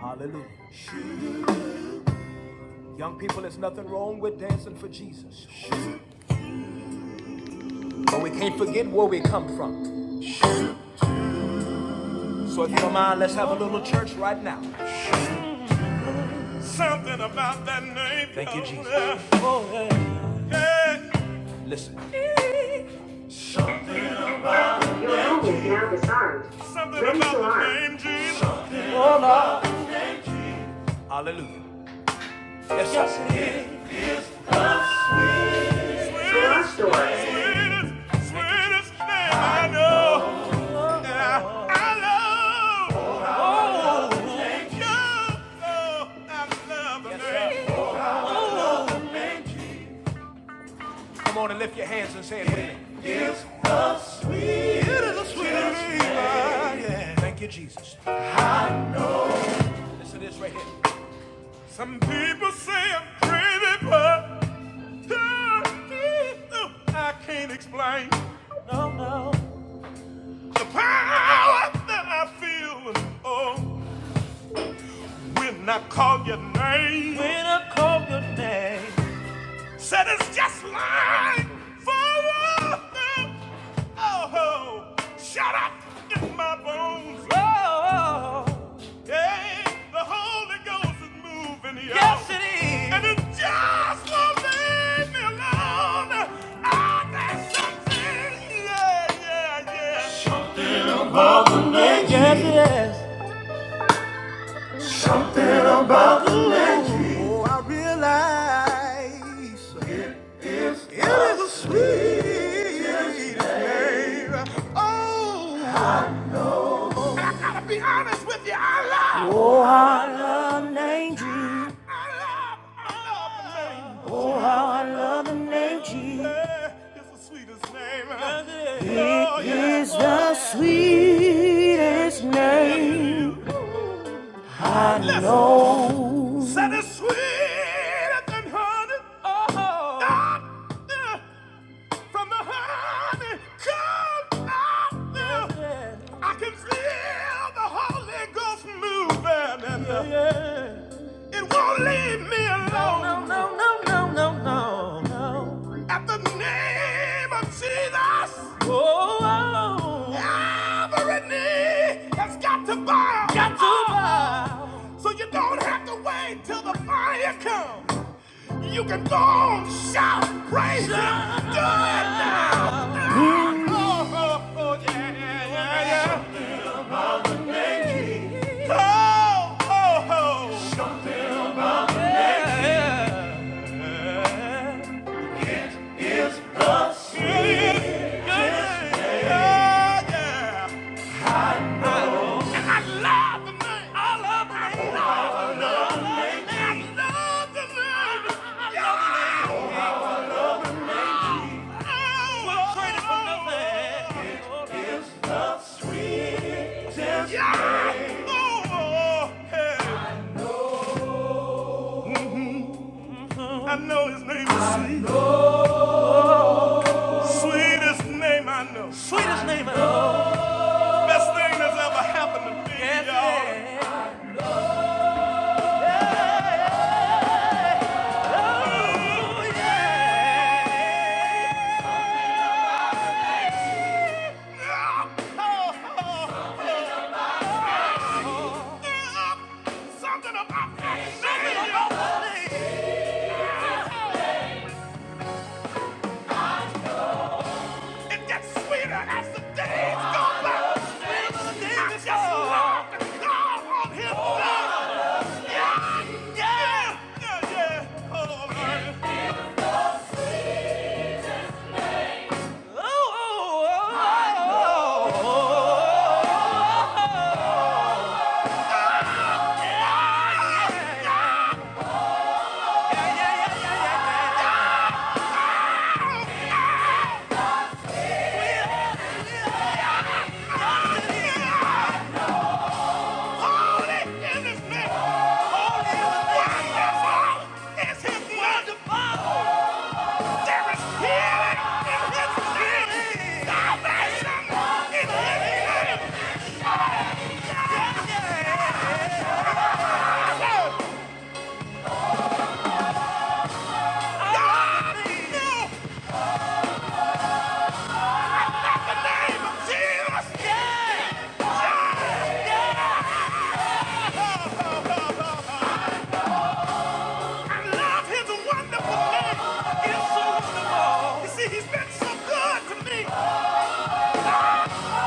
Hallelujah. Young people, there's nothing wrong with dancing for Jesus. But we can't forget where we come from. So if you don't mind, let's have a little church right now. Something about that name. Thank you, Jesus. Oh, yeah. Yeah. Listen. Your home is now designed. Something Ready about to the name Jesus. Oh, Lord. Hallelujah. Yes, yes sir. it is. Sweetest, Sweetest sweetest, sweetest name I know. Yeah, I love. Come on and lift your hands and say it with me. It is a sweet it is a sweet relief. Thank you, Jesus. I know. Listen to this right here. Some people say I'm crazy, but I can't explain. No, no. The power that I feel. Oh, when I call your name. When I call your name. Said it's just line for a while. oh, shut up in my bones. Oh, yeah, the Holy Ghost is moving, you Yes, it is. And it just won't leave me alone. Oh, there's something, yeah, yeah, yeah. Yes, yes, yes. Oh, I realize. It is a sweet name. Oh, I gotta be honest with you. I love. Oh, I love the name Jesus. I love, I love the name. Oh, how I love the name Jesus. Yeah, It's the sweetest name. Yes, It is Oh, yeah. is the sweetest name. I Listen, know. Said it's sweeter than honey. Oh. Ah, yeah. From the honey comes out there. Yeah, yeah. I can feel the Holy Ghost moving. And yeah, yeah. It won't leave me alone. No, no, no, no, no, no. no. At the name of Jesus, oh, every knee has got to bow. Got to bow. So you don't have to wait till the fire comes. You can go on, shout, praise Him, do it now. now. Oh, oh, oh, yeah, yeah, yeah, yeah. Thank you. Oh, oh, oh. Yeah, yeah. I know his name is sweet. Sweetest name I know. Sweetest name I know. Best thing that's ever happened to me, yes, y'all. Yes. Something about me. It gets sweeter as the days go by. I just love to call on his name. Yeah, yeah, yeah, yeah. Oh, man. Oh, oh, oh, oh, oh, oh. Yeah, yeah, yeah, yeah, yeah. Jesus! Yeah! Yeah! Yeah! I love his wonderful name. so wonderful. You see, he's been so good to me.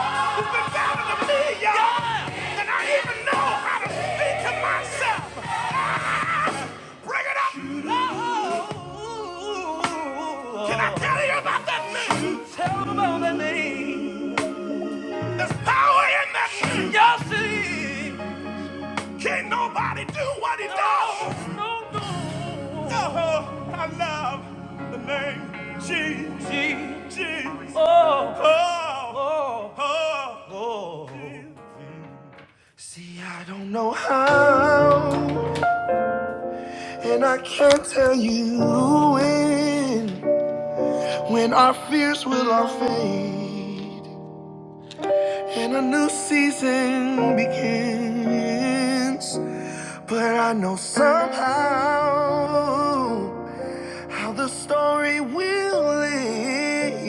He's been better to me, y'all. Yeah. And I even know how to speak to myself. Ah, bring it up. Can I tell you about that name? Tell me about that name. There's power in that name. Yes, it is. Can nobody do what he does? No, no. no. Oh, I love the name Jesus. Jesus. Oh, oh, oh. oh. See, I don't know how, and I can't tell you when. When our fears will all fade, and a new season begins. But I know somehow. how the story will end.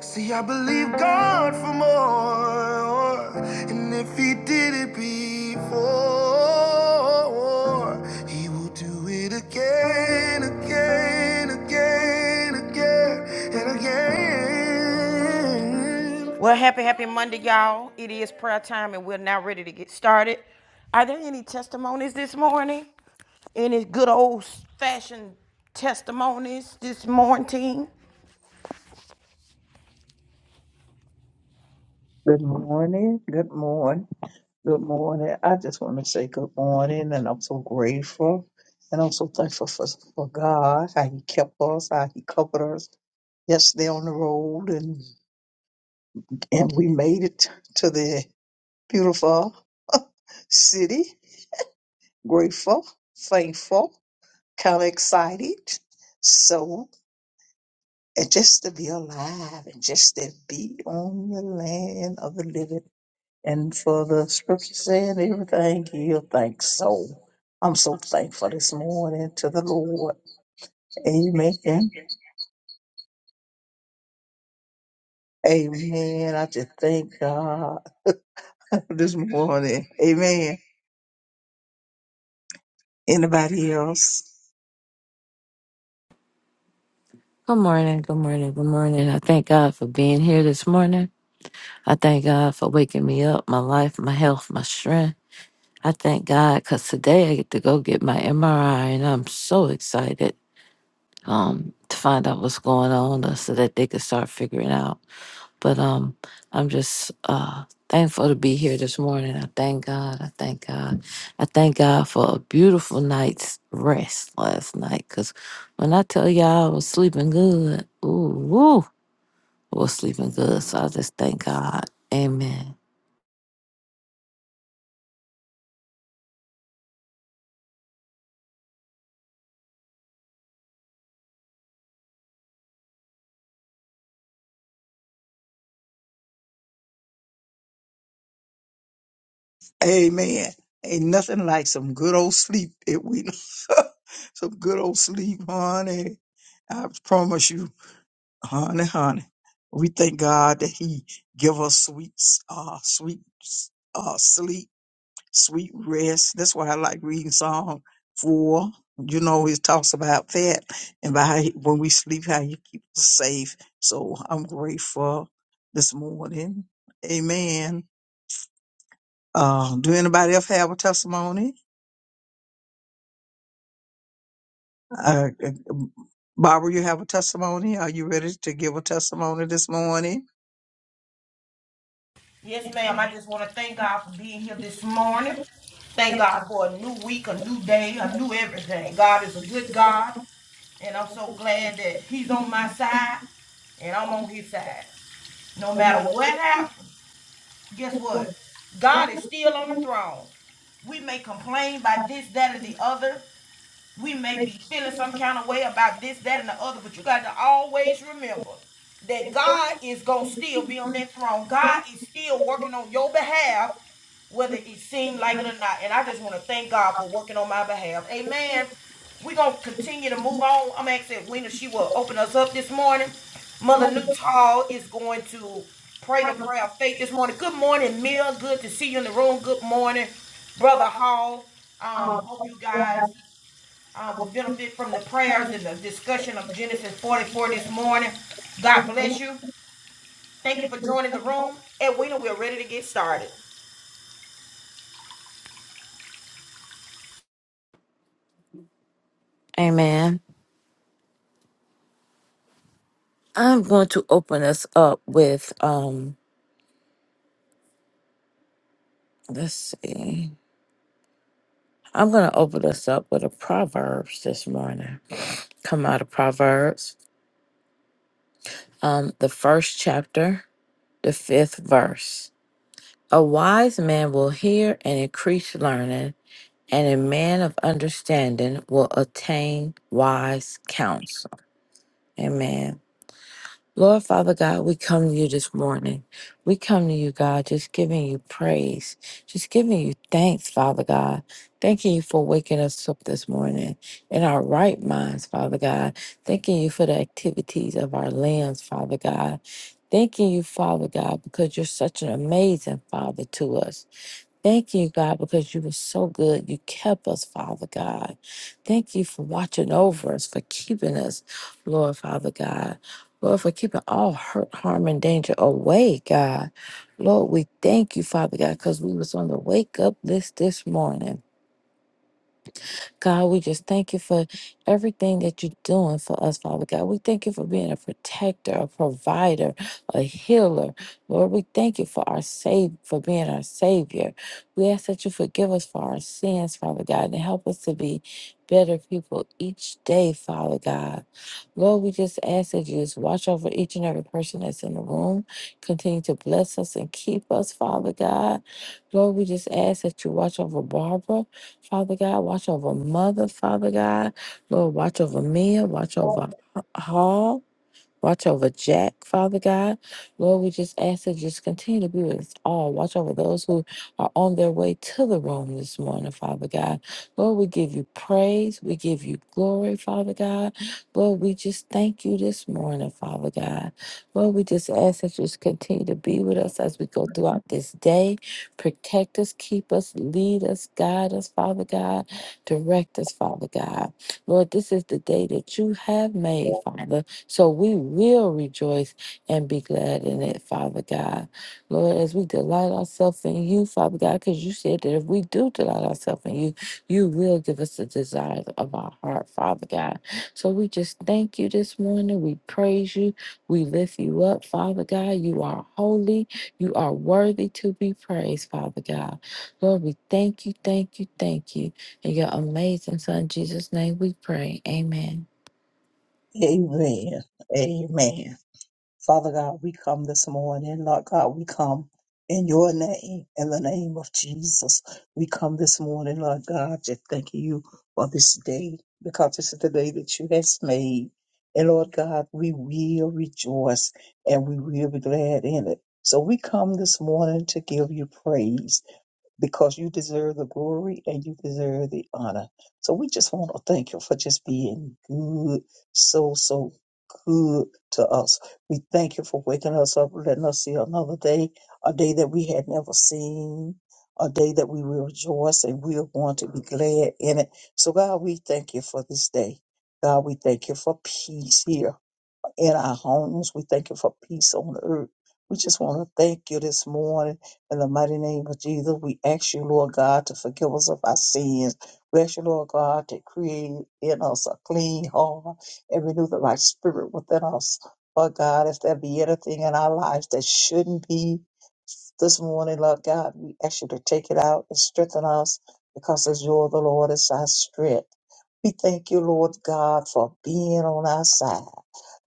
See, I believe God for more, and if He did it before, He will do it again, again, again, again, and again. Well, happy, happy Monday, y'all. It is prayer time, and we're now ready to get started. Are there any testimonies this morning? Any good old fashioned testimonies this morning? Good morning. Good morning. Good morning. I just want to say good morning, and I'm so grateful, and I'm so thankful for, for God how He kept us, how He covered us yesterday on the road, and and we made it to the beautiful city. Grateful, thankful, kind of excited. So, and just to be alive, and just to be on the land of the living. And for the scripture saying everything, give thanks. So I'm so thankful this morning to the Lord. Amen. Amen. I just thank God this morning. Amen. Anybody else? Good morning, good morning, good morning. I thank God for being here this morning. I thank God for waking me up, my life, my health, my strength. I thank God because today I get to go get my MRI and I'm so excited um, to find out what's going on uh, so that they can start figuring out. But um, I'm just uh, thankful to be here this morning. I thank God. I thank God. I thank God for a beautiful night's rest last night because when I tell y'all I was sleeping good, ooh, woo. Was sleeping good. So I just thank God. Amen. Amen. Ain't nothing like some good old sleep. It we some good old sleep, honey. I promise you, honey, honey. We thank God that He give us sweet, uh, sweet, uh, sleep sweet rest. That's why I like reading Psalm 4. You know, it talks about that and by how he- when we sleep, how you keep us safe. So I'm grateful this morning. Amen. Uh, do anybody else have a testimony? Uh, uh, Barbara, you have a testimony? Are you ready to give a testimony this morning? Yes, ma'am. I just want to thank God for being here this morning. Thank God for a new week, a new day, a new everything. God is a good God, and I'm so glad that He's on my side and I'm on His side. No matter what happens, guess what? God is still on the throne. We may complain about this, that, or the other. We may be feeling some kind of way about this, that, and the other, but you got to always remember that God is going to still be on that throne. God is still working on your behalf, whether it seems like it or not. And I just want to thank God for working on my behalf. Amen. We're going to continue to move on. I'm asking Wena, she will open us up this morning. Mother Newtall is going to pray the prayer of faith this morning. Good morning, Mill. Good to see you in the room. Good morning, Brother Hall. Um, hope you guys uh, will benefit from the prayers and the discussion of Genesis 44 this morning. God bless you. Thank you for joining the room. Edwina, we're ready to get started. Amen. I'm going to open us up with um let's see. I'm gonna open us up with a Proverbs this morning. Come out of Proverbs. Um, the first chapter, the fifth verse. A wise man will hear and increase learning, and a man of understanding will attain wise counsel. Amen. Lord Father God, we come to you this morning. We come to you, God, just giving you praise, just giving you thanks, Father God. Thanking you for waking us up this morning in our right minds, Father God. Thanking you for the activities of our lands, Father God. Thanking you, Father God, because you're such an amazing Father to us. Thank you, God, because you were so good. You kept us, Father God. Thank you for watching over us, for keeping us, Lord, Father God. Lord, for keeping all hurt, harm, and danger away, God. Lord, we thank you, Father God, because we was on the wake up list this morning. God, we just thank you for everything that you're doing for us, Father God. We thank you for being a protector, a provider, a healer. Lord, we thank you for our save for being our savior. We ask that you forgive us for our sins, Father God, and help us to be better people each day, Father God. Lord, we just ask that you just watch over each and every person that's in the room. Continue to bless us and keep us, Father God. Lord, we just ask that you watch over Barbara. Father God. Watch over Mother, Father God. Lord, watch over Mia. Watch over Hall. Watch over Jack, Father God. Lord, we just ask that you just continue to be with us all. Watch over those who are on their way to the room this morning, Father God. Lord, we give you praise. We give you glory, Father God. Lord, we just thank you this morning, Father God. Lord, we just ask that you just continue to be with us as we go throughout this day. Protect us, keep us, lead us, guide us, Father God. Direct us, Father God. Lord, this is the day that you have made, Father. So we will rejoice and be glad in it, Father God. Lord, as we delight ourselves in you, Father God, because you said that if we do delight ourselves in you, you will give us the desires of our heart, Father God. So we just thank you this morning. We praise you. We lift you up, Father God. You are holy. You are worthy to be praised, Father God. Lord, we thank you, thank you, thank you. In your amazing Son, Jesus' name, we pray. Amen. Amen. Amen. Father God, we come this morning. Lord God, we come in your name, in the name of Jesus. We come this morning, Lord God, just thanking you for this day because this is the day that you has made. And Lord God, we will rejoice and we will be glad in it. So we come this morning to give you praise because you deserve the glory and you deserve the honor. So we just want to thank you for just being good, so, so good to us. We thank you for waking us up, letting us see another day, a day that we had never seen, a day that we will rejoice and we are going to be glad in it. So, God, we thank you for this day. God, we thank you for peace here in our homes. We thank you for peace on earth. We just want to thank you this morning in the mighty name of Jesus. We ask you, Lord God, to forgive us of our sins. We ask you, Lord God, to create in us a clean heart and renew the right spirit within us. Lord God, if there be anything in our lives that shouldn't be this morning, Lord God, we ask you to take it out and strengthen us because as you're the Lord, it's our strength. We thank you, Lord God, for being on our side.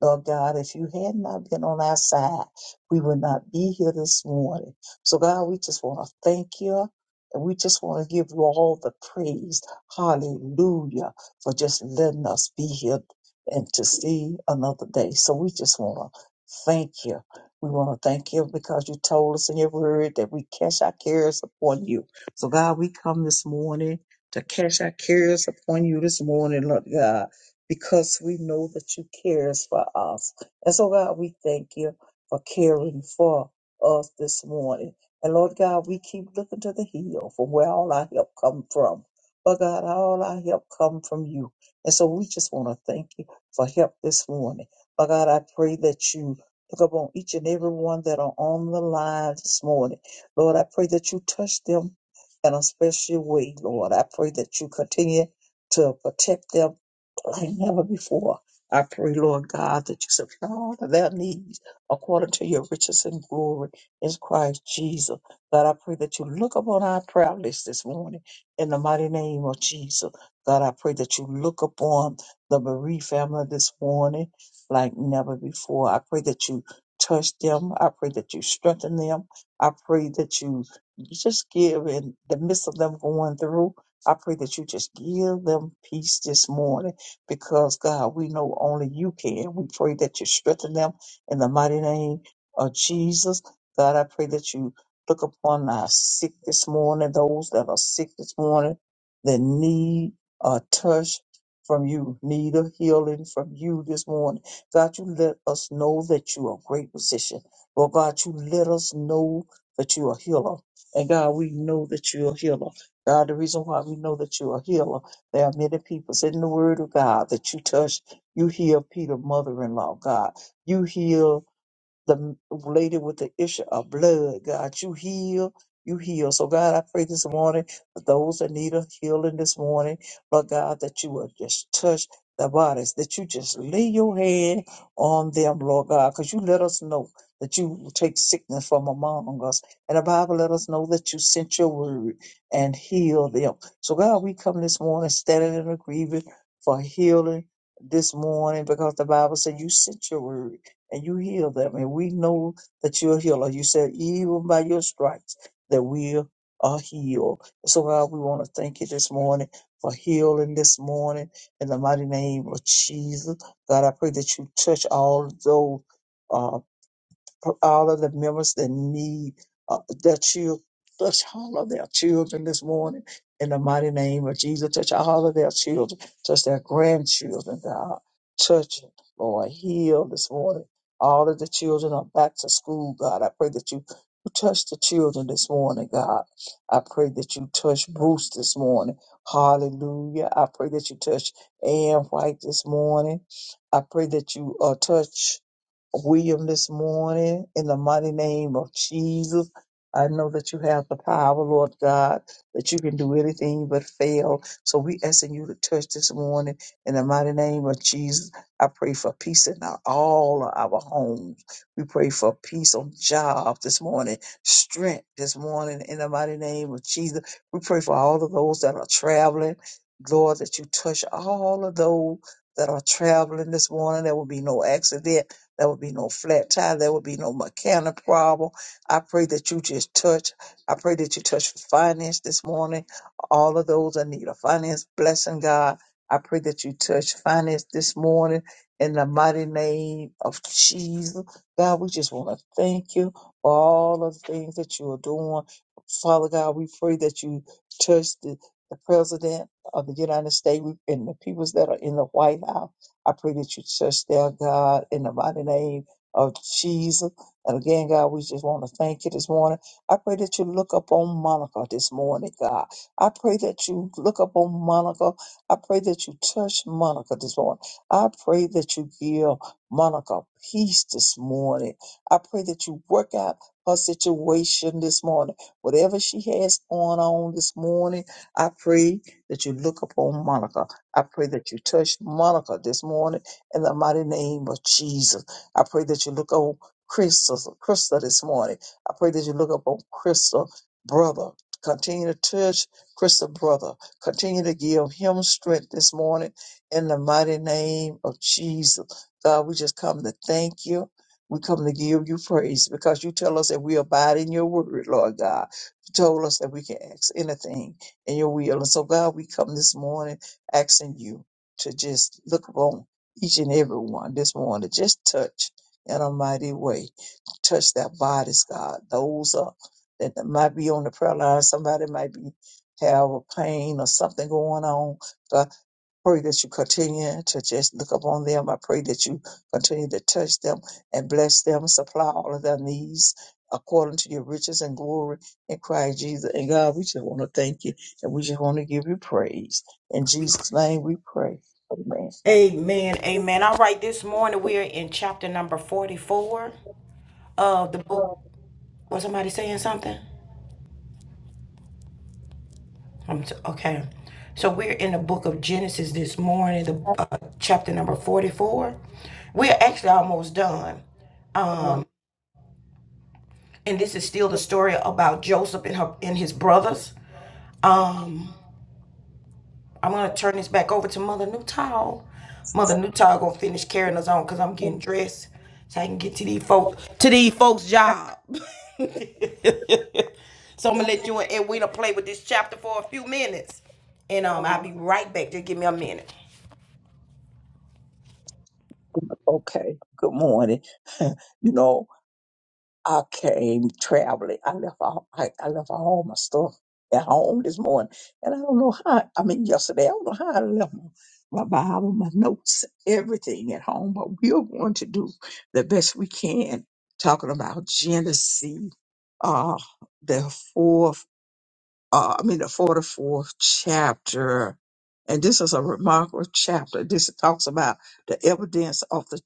Lord God, if you had not been on our side, we would not be here this morning. So, God, we just want to thank you. And we just want to give you all the praise. Hallelujah. For just letting us be here and to see another day. So we just want to thank you. We want to thank you because you told us in your word that we cast our cares upon you. So God, we come this morning to cast our cares upon you this morning, Lord God because we know that you cares for us. And so, God, we thank you for caring for us this morning. And Lord God, we keep looking to the hill from where all our help come from. But God, all our help come from you. And so we just want to thank you for help this morning. But God, I pray that you look upon each and every one that are on the line this morning. Lord, I pray that you touch them in a special way, Lord. I pray that you continue to protect them like never before. I pray, Lord God, that you supply all of their needs according to your riches and glory in Christ Jesus. God, I pray that you look upon our prayer list this morning in the mighty name of Jesus. God, I pray that you look upon the bereaved family this morning like never before. I pray that you touch them. I pray that you strengthen them. I pray that you just give in the midst of them going through. I pray that you just give them peace this morning because God, we know only you can. We pray that you strengthen them in the mighty name of Jesus. God, I pray that you look upon our sick this morning, those that are sick this morning, that need a touch from you, need a healing from you this morning. God, you let us know that you are a great physician. Lord God, you let us know that you are a healer. And God, we know that you're a healer. God, the reason why we know that you're a healer there are many people in the Word of God that you touch. You heal Peter, mother-in-law, God. You heal the lady with the issue of blood. God, you heal, you heal. So, God, I pray this morning for those that need a healing this morning, Lord God, that you will just touch their bodies, that you just lay your hand on them, Lord God, because you let us know that you will take sickness from among us. And the Bible let us know that you sent your word and heal them. So, God, we come this morning standing in agreement for healing this morning because the Bible said you sent your word and you heal them. And we know that you're a healer. You said, even by your stripes, that we are healed. So, God, we want to thank you this morning for healing this morning in the mighty name of Jesus. God, I pray that you touch all those. uh, for all of the members that need uh, their children. Touch all of their children this morning in the mighty name of Jesus. Touch all of their children. Touch their grandchildren, God. Touch them, Lord. Heal this morning. All of the children are back to school, God. I pray that you you touch the children this morning, God. I pray that you touch Bruce this morning. Hallelujah. I pray that you touch Ann White this morning. I pray that you uh, touch William this morning in the mighty name of Jesus. I know that you have the power, Lord God, that you can do anything but fail. So we asking you to touch this morning in the mighty name of Jesus. I pray for peace in our, all of our homes. We pray for peace on jobs this morning, strength this morning in the mighty name of Jesus. We pray for all of those that are traveling. Lord, that you touch all of those that are traveling this morning. There will be no accident there will be no flat tire. There will be no mechanic problem. I pray that you just touch. I pray that you touch finance this morning. All of those that need a finance blessing, God. I pray that you touch finance this morning in the mighty name of Jesus. God, we just want to thank you for all of the things that you are doing. Father God, we pray that you touch the, the president of the United States and the peoples that are in the White House. I pray that you touch their God in the mighty name of Jesus. And again, God, we just want to thank you this morning. I pray that you look up on Monica this morning, God. I pray that you look up on Monica. I pray that you touch Monica this morning. I pray that you give Monica peace this morning. I pray that you work out her situation this morning. Whatever she has going on this morning, I pray that you look upon Monica. I pray that you touch Monica this morning in the mighty name of Jesus. I pray that you look on Crystal, Crystal this morning. I pray that you look up on Crystal, brother. Continue to touch Crystal, brother. Continue to give him strength this morning in the mighty name of Jesus. God, we just come to thank you. We come to give you praise because you tell us that we abide in your word, Lord God. You told us that we can ask anything in your will. And so, God, we come this morning asking you to just look upon each and every one this morning. Just touch in a mighty way. Touch their bodies, God. Those uh, that might be on the prayer line, somebody might be have a pain or something going on pray that you continue to just look upon them. I pray that you continue to touch them and bless them, supply all of their needs according to your riches and glory in Christ Jesus. And God, we just want to thank you and we just want to give you praise. In Jesus' name we pray. Amen. Amen. Amen. All right, this morning we are in chapter number 44 of the book. Was somebody saying something? I'm so- okay. So we're in the book of Genesis this morning, the uh, chapter number 44. We're actually almost done. Um, and this is still the story about Joseph and her and his brothers. Um, I'm gonna turn this back over to Mother Newtile. Mother Newtile gonna finish carrying us on because I'm getting dressed so I can get to these folks to these folks' job. so I'm gonna let you and Edwina play with this chapter for a few minutes, and um, I'll be right back. Just give me a minute. Okay. Good morning. You know, I came traveling. I left all I, I left all my stuff at home this morning, and I don't know how. I mean, yesterday I don't know how I left my, my Bible, my notes, everything at home. But we are going to do the best we can, talking about Genesis, uh, the fourth uh, I mean, the 44th chapter. And this is a remarkable chapter. This talks about the evidence of the,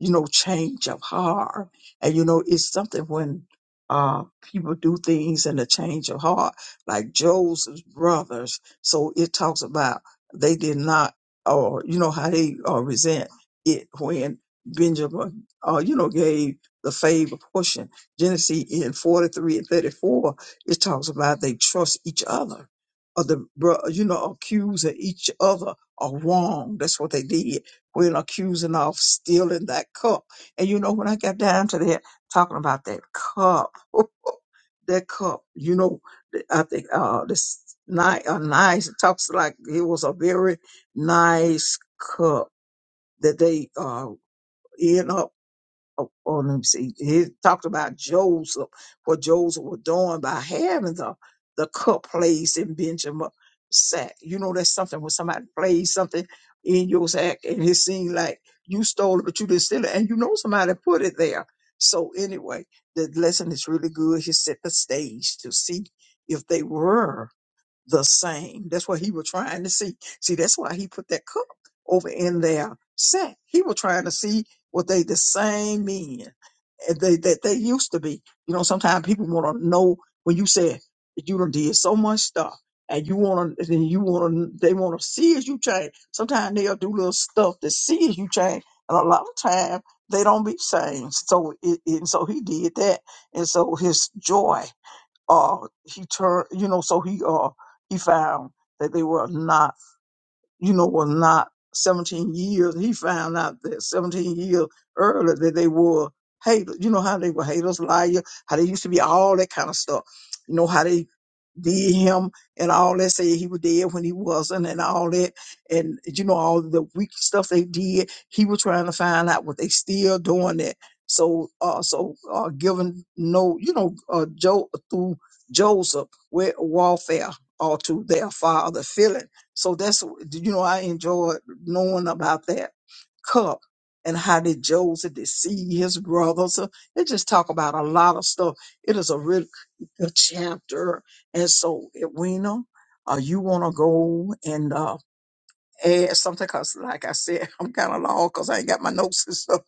you know, change of heart. And, you know, it's something when uh, people do things in the change of heart, like Joseph's brothers. So it talks about they did not, or, you know, how they uh, resent it when Benjamin, uh, you know, gave the favor portion. Genesis in 43 and 34 it talks about they trust each other, or the bro- you know accusing each other of wrong. That's what they did when accusing of stealing that cup. And you know when I got down to that talking about that cup, that cup, you know, th- I think uh this nice, a nice it talks like it was a very nice cup that they uh end up oh, oh, let me see. He talked about Joseph, what Joseph was doing by having the the cup placed in Benjamin's sack. You know, that's something when somebody plays something in your sack and it seemed like you stole it, but you didn't steal it, and you know somebody put it there. So anyway, the lesson is really good. He set the stage to see if they were the same. That's what he was trying to see. See, that's why he put that cup over in their set. He was trying to see what they the same men and they that they used to be. You know, sometimes people want to know when you say that you done did so much stuff and you want to, then you want to, they want to see as you change. Sometimes they'll do little stuff to see as you change, and a lot of time they don't be changed. So it, it, and so he did that, and so his joy uh he turned you know so he uh he found that they were not you know, was not 17 years. He found out that 17 years earlier that they were haters. You know how they were haters, liar, how they used to be, all that kind of stuff. You know how they did him and all that, say he was dead when he wasn't and all that. And, you know, all the weak stuff they did. He was trying to find out what they still doing that. So, uh, so, uh, giving no, you know, uh, Joe, through Joseph, with warfare or to their father feeling. So that's you know I enjoy knowing about that cup and how did Joseph deceive his brothers. So It just talk about a lot of stuff. It is a real good chapter, and so Edwina, uh, you want to go and uh, add something because, like I said, I'm kind of long because I ain't got my notes and stuff.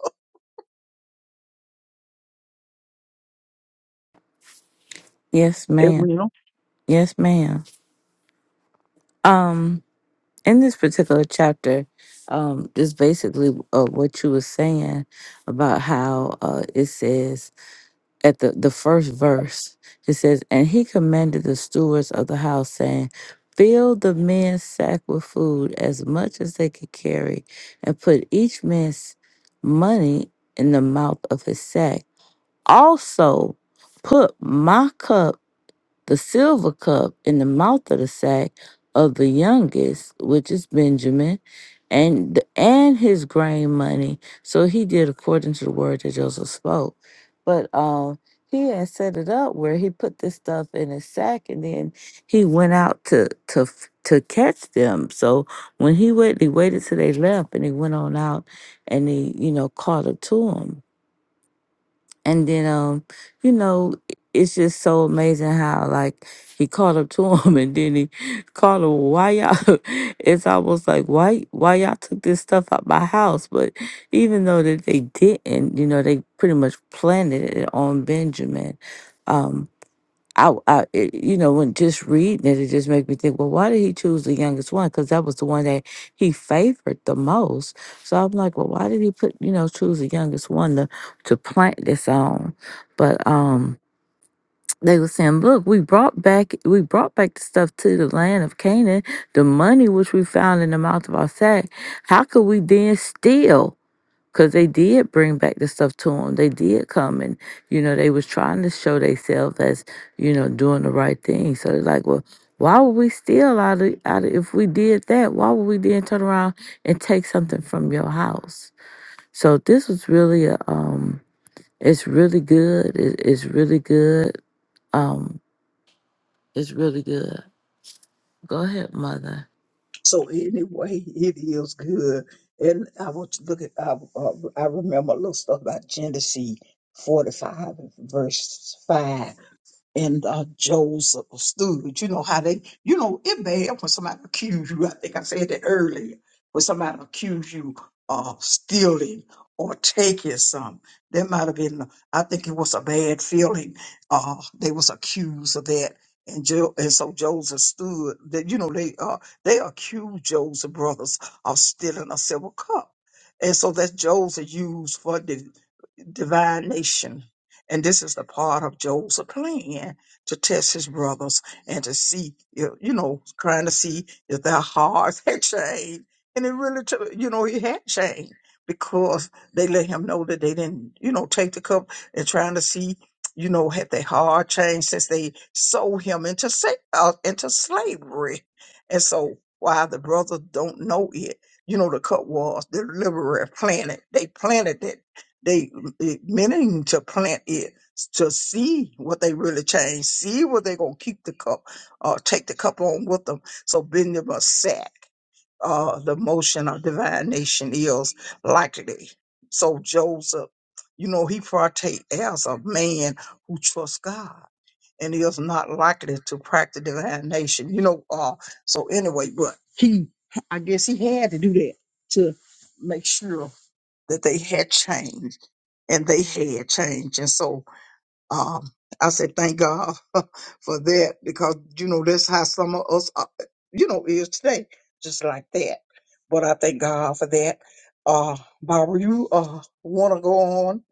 Yes, ma'am. Edwina. Yes, ma'am. Um, in this particular chapter, um, is basically uh, what you were saying about how uh, it says at the the first verse. It says, "And he commanded the stewards of the house, saying." Fill the men's sack with food as much as they could carry, and put each man's money in the mouth of his sack. Also, put my cup the silver cup in the mouth of the sack of the youngest, which is Benjamin, and and his grain money. So he did according to the word that Joseph spoke. But um, he had set it up where he put this stuff in his sack, and then he went out to to f- to catch them. So when he went, he waited till they left, and he went on out, and he you know caught up to them. And then, um, you know, it's just so amazing how like he caught up to him, and then he called him. Why y'all? It's almost like why why y'all took this stuff out my house? But even though that they didn't, you know, they pretty much planted it on Benjamin. um. I, I it, you know, when just reading it, it just made me think, well, why did he choose the youngest one? Because that was the one that he favored the most. So I'm like, well, why did he put, you know, choose the youngest one to to plant this on? But um, they were saying, look, we brought back we brought back the stuff to the land of Canaan, the money which we found in the mouth of our sack. How could we then steal? because they did bring back the stuff to them. They did come and, you know, they was trying to show themselves as, you know, doing the right thing. So they're like, well, why would we steal out of, out of if we did that? Why would we then turn around and take something from your house? So this was really a, um, it's really good. It, it's really good. Um, it's really good. Go ahead, mother. So anyway, it is good. And I want you to look at, I, uh, I remember a little stuff about Genesis 45 verse 5 and uh, Joseph stood. You know how they, you know, it bad when somebody accuse you. I think I said that earlier. When somebody accuse you of stealing or taking something, that might have been. I think it was a bad feeling. Uh, they was accused of that, and jo- and so Joseph stood. That you know they uh they accused Joseph brothers of stealing a silver cup, and so that Joseph used for the divine nation and this is the part of Joseph plan to test his brothers and to see, you you know, trying to see if their hearts had changed. And it really, took, you know, he had changed because they let him know that they didn't, you know, take the cup and trying to see, you know, had their heart changed since they sold him into sa- uh, into slavery. And so while the brothers don't know it, you know, the cup was the deliverer planted. They planted it they it meaning to plant it to see what they really change, see what they gonna keep the cup or take the cup on with them. So Benjamin sack uh the motion of divine nation is likely. So Joseph, you know, he partake as a man who trusts God and is not likely to practice divine nation. You know, uh so anyway, but he I guess he had to do that to make sure that they had changed and they had changed. And so um, I said, thank God for that because, you know, that's how some of us, are, you know, is today, just like that. But I thank God for that. Uh, Barbara, you uh, want to go on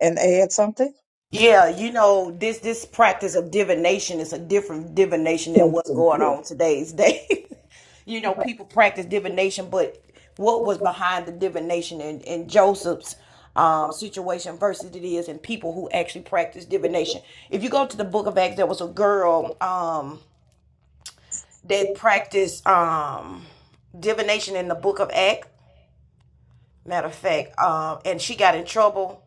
and add something? Yeah, you know, this this practice of divination is a different divination than Thank what's you. going Yes. on today's day. you know, people practice divination, but what was behind the divination in, in Joseph's um, situation versus it is in people who actually practice divination. If you go to the book of Acts, there was a girl um, that practiced um, divination in the book of Acts. Matter of fact, um, and she got in trouble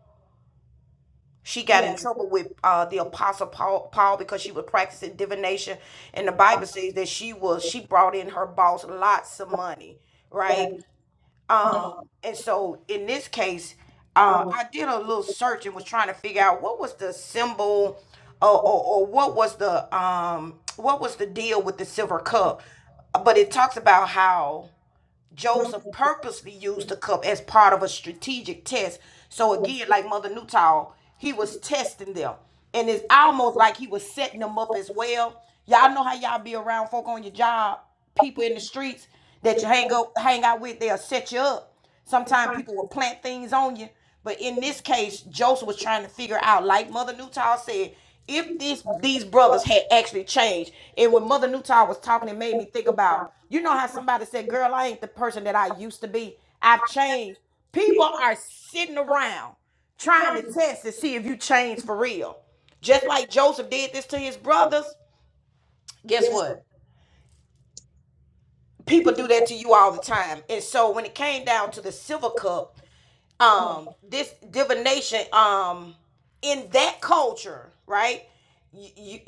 She got in trouble with uh, the apostle Paul, Paul because she was practicing divination, and the Bible says that she was she brought in her boss lots of money, right? Um, and so in this case, uh, I did a little search and was trying to figure out what was the symbol or, or, or what was the um what was the deal with the silver cup. But it talks about how Joseph purposely used the cup as part of a strategic test. So again, like Mother Newtall, he was testing them. And it's almost like he was setting them up as well. Y'all know how y'all be around folk on your job people in the streets that you hang go hang out with, they'll set you up. Sometimes people will plant things on you. But in this case, Joseph was trying to figure out, like Mother Newtall said, if this these brothers had actually changed. And when Mother Newtall was talking, it made me think about, you know how somebody said, Girl, I ain't the person that I used to be. I've changed. People are sitting around trying to test to see if you change for real. Just like Joseph did this to his brothers, guess what? people do that to you all the time. And so when it came down to the silver cup, um, this divination, um, in that culture, right? You, you,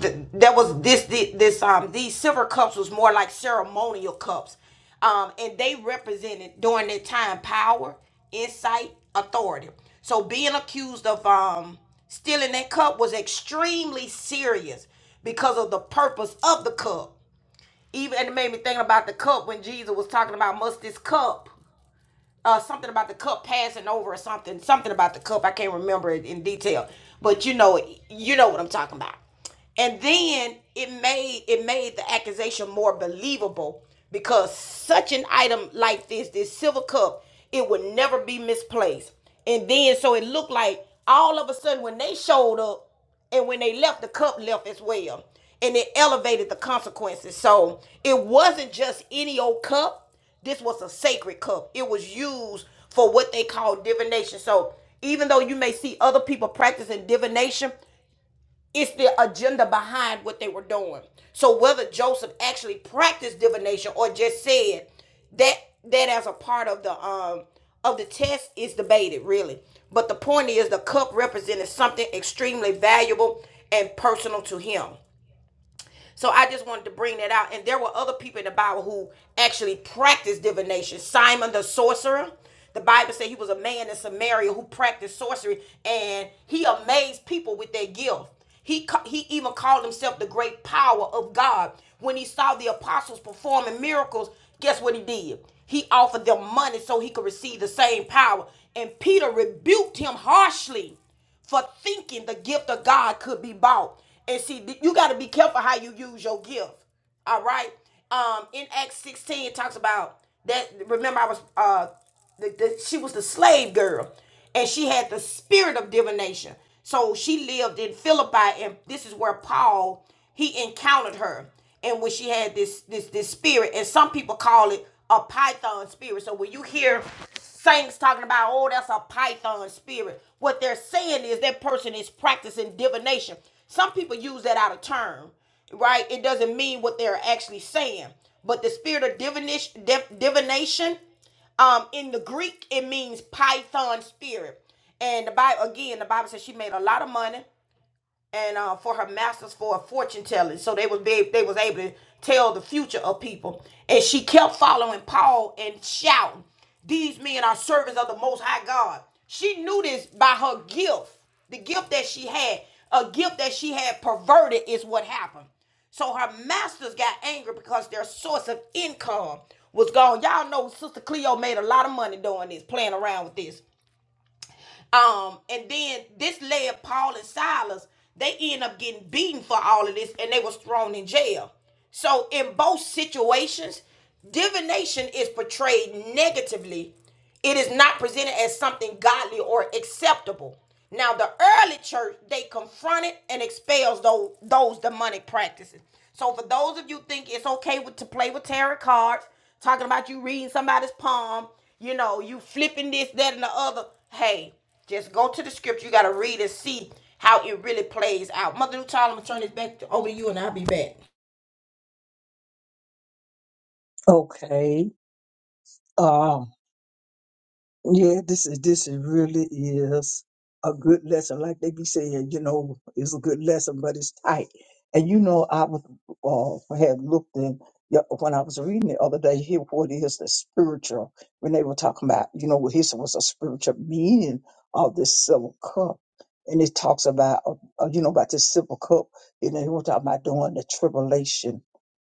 th- there was this, thi- this, um, these silver cups was more like ceremonial cups, um, and they represented during that time power, insight, authority. So being accused of um stealing that cup was extremely serious because of the purpose of the cup even and it made me think about the cup when Jesus was talking about must this cup uh, something about the cup passing over or something, something about the cup. I can't remember it in detail, but you know, you know what I'm talking about. And then it made it made the accusation more believable because such an item like this, this silver cup, it would never be misplaced. And then so it looked like all of a sudden when they showed up and when they left, the cup left as well. And it elevated the consequences. So it wasn't just any old cup this was a sacred cup. It was used for what they call divination. So even though you may see other people practicing divination, it's the agenda behind what they were doing. So whether Joseph actually practiced divination or just said that that as a part of the um of the test is debated really. But the point is the cup represented something extremely valuable and personal to him. So I just wanted to bring that out. And there were other people in the Bible who actually practiced divination. Simon the sorcerer. The Bible said he was a man in Samaria who practiced sorcery, and he amazed people with that gift. He he even called himself the great power of God. When he saw the apostles performing miracles, guess what he did? He offered them money so he could receive the same power. And Peter rebuked him harshly for thinking the gift of God could be bought. And see, you got to be careful how you use your gift. All right. Um, in Acts 16, it talks about that. Remember, I was uh, the, the, she was the slave girl, and she had the spirit of divination. So she lived in Philippi, and this is where Paul he encountered her, and when she had this this this spirit, and some people call it a python spirit. So when you hear saints talking about, oh, that's a python spirit, what they're saying is that person is practicing divination. Some people use that out of turn, right? It doesn't mean what they're actually saying. But the spirit of divination, divination um, in the Greek, it means python spirit. And the Bible, again, the Bible says she made a lot of money and uh, for her masters for a fortune telling. So they was be, they was able to tell the future of people. And she kept following Paul and shouting, "These men are servants of the Most High God." She knew this by her gift, the gift that she had, a gift that she had perverted is what happened. So her masters got angry because their source of income was gone. Y'all know Sister Cleo made a lot of money doing this, playing around with this. Um, and then this led Paul and Silas. They end up getting beaten for all of this, and they was thrown in jail. So in both situations, divination is portrayed negatively. It is not presented as something godly or acceptable. Now, the early church they confronted and expels those those demonic practices. So, for those of you think it's okay with, to play with tarot cards, talking about you reading somebody's palm, you know, you flipping this, that, and the other. Hey, just go to the script. You got to read and see how it really plays out. Mother Nutall, I'm going to turn this back to, over to you and I'll be back. Okay. um, Yeah, this is this is really is a good lesson. Like they be saying, you know, it's a good lesson, but it's tight. And you know, I was uh, had looked in yeah, when I was reading the other day here what is the spiritual when they were talking about, you know, what his was a spiritual meaning of this silver cup. And it talks about, uh, uh, you know, about this silver cup. And they were talking about during the tribulation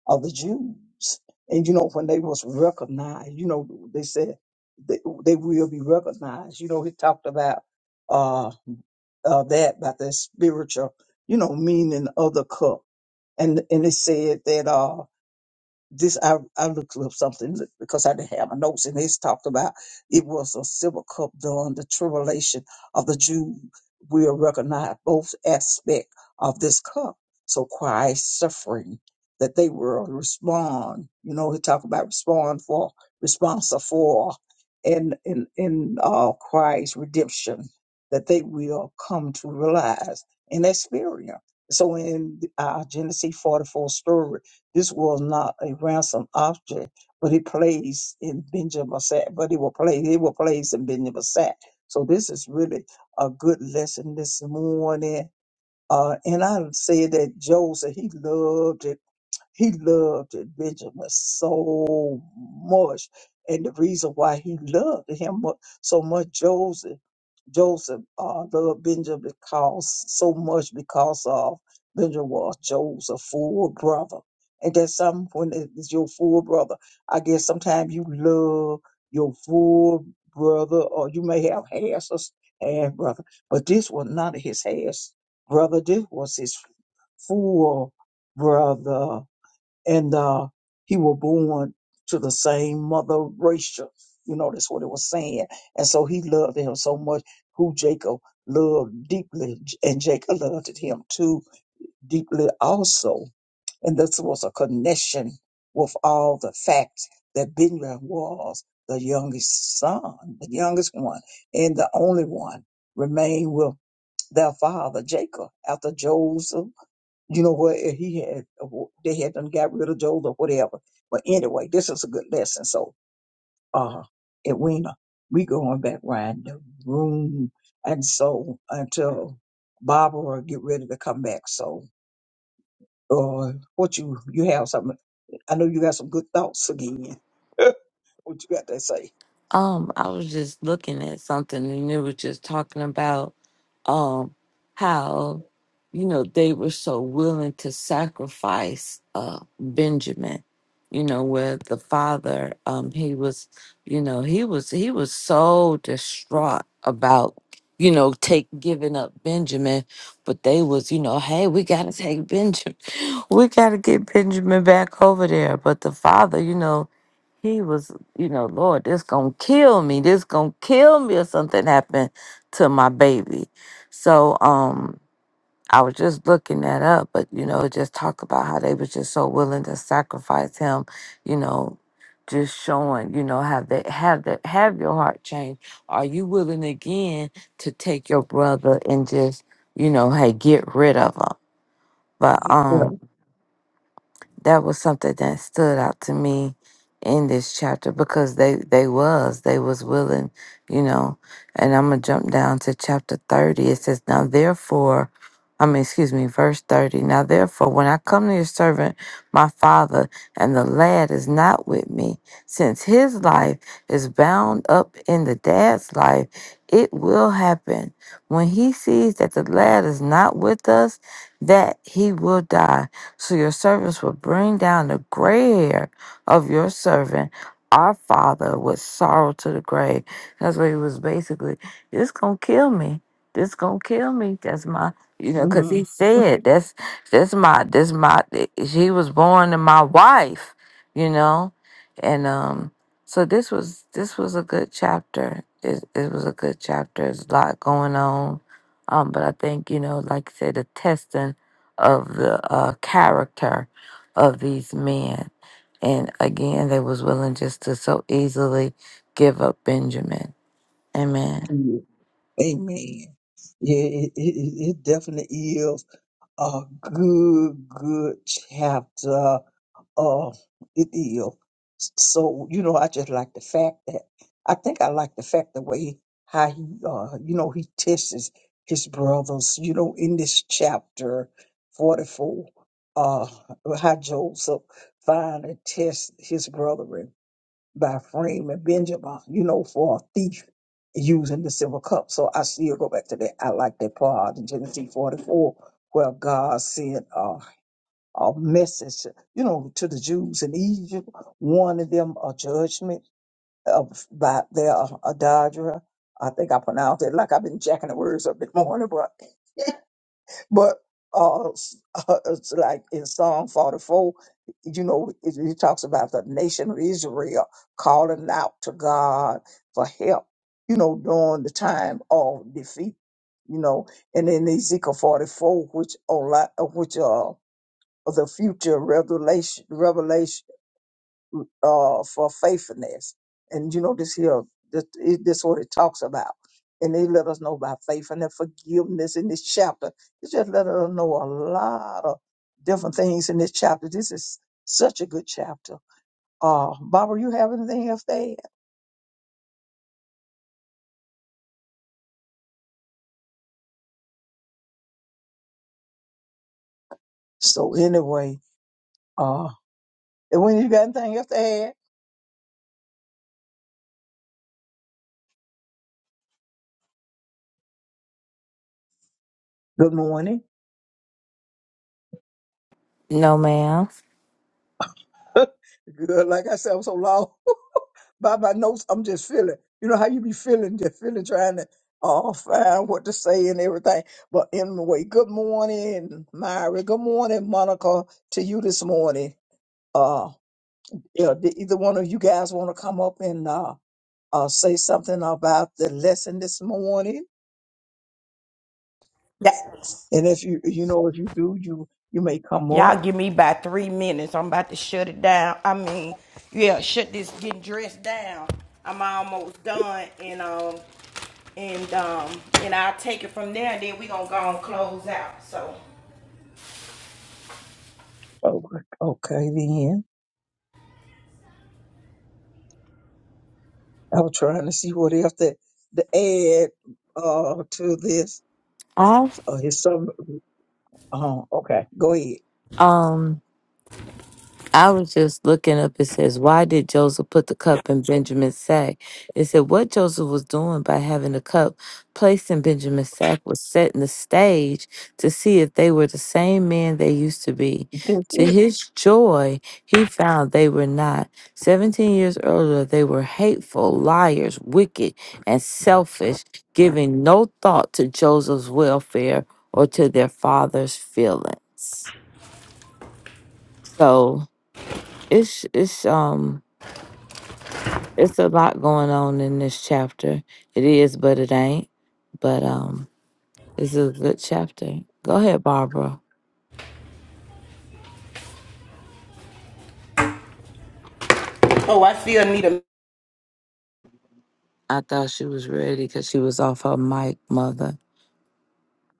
of the Jews. And, you know, when they was recognized, you know, they said they, they will be recognized. You know, he talked about uh, uh that about the spiritual, you know, meaning of the cup, and and it said that uh this I, I looked up something because I didn't have my notes, and it's talked about it was a silver cup during the tribulation of the Jew. We'll recognize both aspect of this cup. So Christ's suffering that they will respond. You know, he talked about respond for responsive for and in in uh, Christ's redemption that they will come to realize and experience. So in uh, Genesis 44 story this was not a ransom object, but he plays in Benjamin Sack. But he will play, he will plays in Benjamin Sack. So this is really a good lesson this morning. Uh, and I say that Joseph, he loved it. He loved it, Benjamin, so much. And the reason why he loved him mu- so much, Joseph. Joseph, uh, the Lord Benjamin because so much because of Benjamin was Joseph's full brother. And that's something when it's your full brother. I guess sometimes you love your full brother, or you may have half sis- half brother, but this was not his half brother. This was his full brother and uh, he was born to the same mother Rachel. You know, that's what it was saying. And so he loved him so much, who Jacob loved deeply, and Jacob loved him too deeply also. And this was a connection with all the facts that Benjamin was the youngest son, the youngest one, and the only one remained with their father Jacob after Joseph you know what if he had they had done got rid of Joel or whatever. But anyway, this is a good lesson. So uh Edwina, we going back round the room and so until Barbara get ready to come back. So uh what you you have something I know you got some good thoughts again. what you got to say? Um, I was just looking at something and it was just talking about um how you know they were so willing to sacrifice uh Benjamin, you know, where the father um he was you know, he was he was so distraught about you know, take giving up Benjamin, but they was, you know, hey, we gotta take Benjamin, we gotta get Benjamin back over there. But the father, you know, he was you know, Lord, this gonna kill me. This gonna kill me if something happened to my baby. So um I was just looking that up, but you know, it just talk about how they was just so willing to sacrifice him, you know, just showing, you know, have that have that have your heart changed. Are you willing again to take your brother and just, you know, hey, get rid of him? But Yeah. um that was something that stood out to me in this chapter because they they was they was willing you know and i'm gonna jump down to chapter 30 it says now therefore i mean excuse me verse 30 now therefore when i come to your servant my father and the lad is not with me since his life is bound up in the dad's life it will happen when he sees that the lad is not with us that he will die so your servants will bring down the gray hair of your servant, our father, with sorrow to the grave. That's what he was basically, this gonna kill me. This gonna kill me. That's my you know, cause he Mhm. said that's that's my that's my she was born to my wife, you know? And um so this was this was a good chapter. It it was a good chapter. There's a lot going on. Um, but I think, you know, like I said, the testing of the uh, character of these men. And again, they was willing just to so easily give up Benjamin. Amen. Yeah. Amen. Yeah, it, it, it it definitely is a good, good chapter. uh, it is. So you know, I just like the fact that I think I like the fact the way how he, uh, you know, he tests his brothers. You know, in this chapter forty-four, uh, how Joseph finally tests his brethren by framing Benjamin. You know, for a thief using the silver cup. So I still go back to that. I like that part in Genesis forty-four where God said. uh, a message, you know, to the Jews in Egypt, warning them a judgment of by their adulterer. I think I pronounced it like I've been jacking the words up this morning, but but uh, s- it's like in Psalm 44, you know, it, it talks about the nation of Israel calling out to God for help, you know, during the time of defeat, you know, and in Ezekiel 44, which, oh, like, uh, which uh, of the future revelation revelation uh, for faithfulness. And you know this here, this, it- this what it talks about. And they let us know about faith and the forgiveness in this chapter. It just let us know a lot of different things in this chapter. This is such a good chapter. Uh, Barbara, you have anything else to add? So anyway, uh, and when you got anything else to add, good morning. No, ma'am. good, like I said, I'm so long. Baba knows I'm just feeling. You know how you be feeling, just feeling, trying to uh, find what to say and everything. But anyway, good morning, Myra. Good morning, Monica, to you this morning. Uh, yeah, did either one of you guys want to come up and uh, uh, say something about the lesson this morning? That, And if you you know if you do, you you may come up. y'all give me about three minutes. I'm about to shut it down. I mean, yeah, shut this getting dressed down. I'm almost done, and um, and um, and I'll take it from there. And then we gonna go and close out. So, Oh, okay, then. I was trying to see what else to, to add uh, to this. I Uh, his some. Uh, okay, go um. I was just looking up. It says, Why did Joseph put the cup in Benjamin's sack? It said, What Joseph was doing by having the cup placed in Benjamin's sack was setting the stage to see if they were the same man they used to be. ahead. To his joy, he found they were not. Seventeen years earlier, they were hateful, liars, wicked, and selfish, giving no thought to Joseph's welfare or to their father's feelings. So, it's it's um It's a lot going on in this chapter. It is, but it ain't. But um, this is a good chapter. Go ahead, Barbara. oh, I still need a. I thought she was ready because she was off her mic, mother.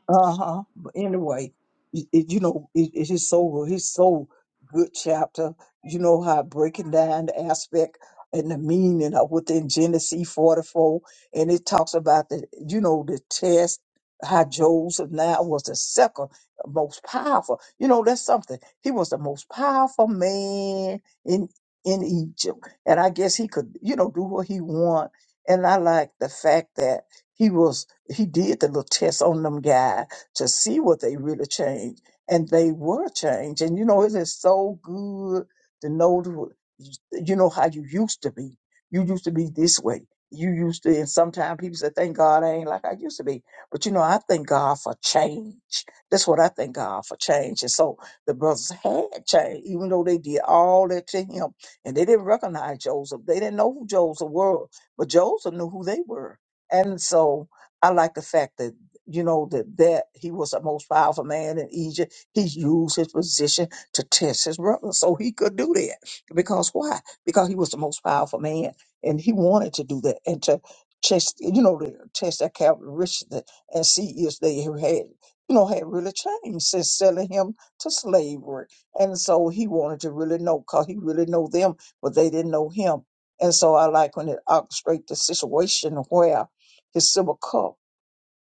Uh huh. But anyway, it, it- you know, it, it's just so it's so good chapter. You know how breaking down the aspect and the meaning of within Genesis forty four, and it talks about the you know the test. How Joseph now was the second most powerful. You know, that's something. He was the most powerful man in in Egypt, and I guess he could you know do what he want. And I like the fact that. He was he did the little test on them guy to see what they really changed, and they were changed. And you know, it is so good to know the, you know how you used to be. You used to be this way. You used to, and sometimes people say, "Thank God I ain't like I used to be." But you know, I thank God for change. That's what I thank God for change. And so the brothers had changed, even though they did all that to him, and they didn't recognize Joseph. They didn't know who Joseph was, but Joseph knew who they were. And so I like the fact that, you know, that, that he was the most powerful man in Egypt. He used his position to test his brother. So he could do that. Because why? Because he was the most powerful man and he wanted to do that and to test, you know, to test their characteristics and see if they had, you know, had really changed since selling him to slavery. And so he wanted to really know because he really know them, but they didn't know him. And so I like when it orchestrates the situation where his silver cup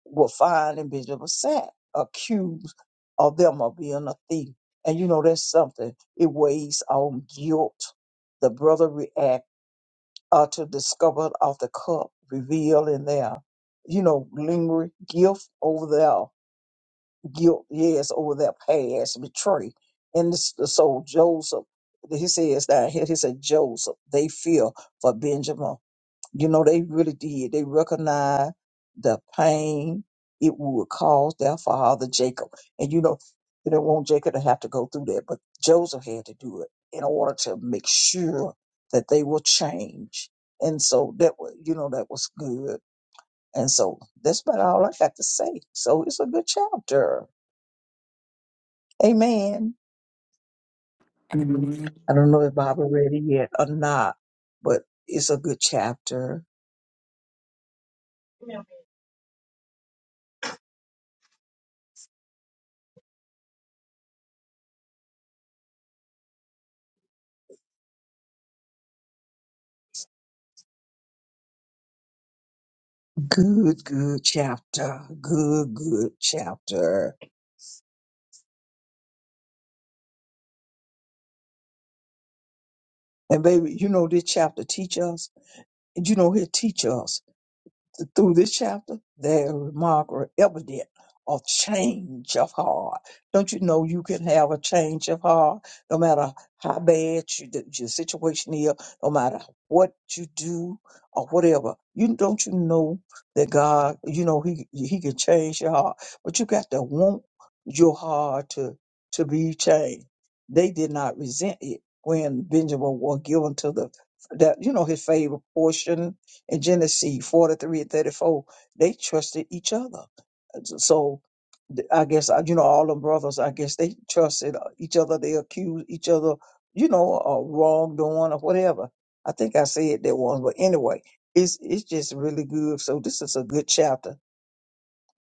will find and Bishop of Sack accused of them of being a thief. And you know that's something. It weighs on guilt. The brother react uh, to discovered of the cup revealed in their, you know, lingering guilt over their guilt, yes, over their past betray. And this, so Joseph, he says that here, he said Joseph, they fear for Benjamin you know, they really did. They recognized the pain it would cause their father, Jacob. And you know, they didn't want Jacob to have to go through that, but Joseph had to do it in order to make sure that they will change. And so that was, you know, that was good. And so that's about all I got to say. So it's a good chapter. Amen. I don't know if Barbara read it yet or not, but it's a good chapter. Good, good chapter. Good, good chapter. And baby, you know this chapter teach us. You know it teach us. through this chapter, they remark are evident of change of heart. Don't you know you can have a change of heart no matter how bad you, the, your situation is, no matter what you do or whatever. You don't you know that God, you know He He can change your heart, but you got to want your heart to to be changed. They did not resent it when Benjamin was given to the that you know his favorite portion in Genesis 43 and 34, they trusted each other. So so th- I guess, uh, you know, all them brothers, I guess they trusted uh, each other. They accused each other, you know, of wrongdoing or whatever. I think I said that once, but anyway, it's, it's just really good. So this is a good chapter.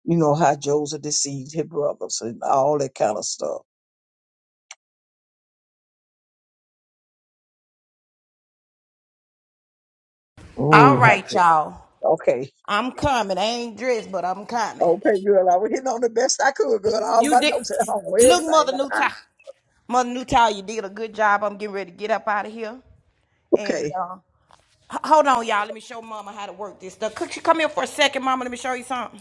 You know, how Joseph deceived his brothers and all that kind of stuff. All Oh, right, y'all. okay. I'm coming. I ain't dressed, but I'm coming. Okay, girl. I was hitting on the best I could, girl. All You my did. notes at home, Look, everything. Mother My- Newtown. Mother Newtown, you did a good job. I'm getting ready to get up out of here. And Okay. uh, h- hold on, y'all. Let me show Mama how to work this stuff. Could you come here for a second, Mama? Let me show you something.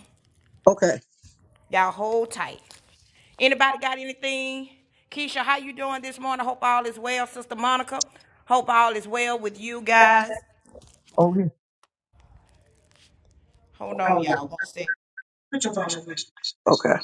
Okay. Y'all hold tight. Anybody got anything? Keisha, how you doing this morning? Hope all is well, Sister Monica. Hope all is well with you guys. Okay. Hold on, y'all. One sec. Okay.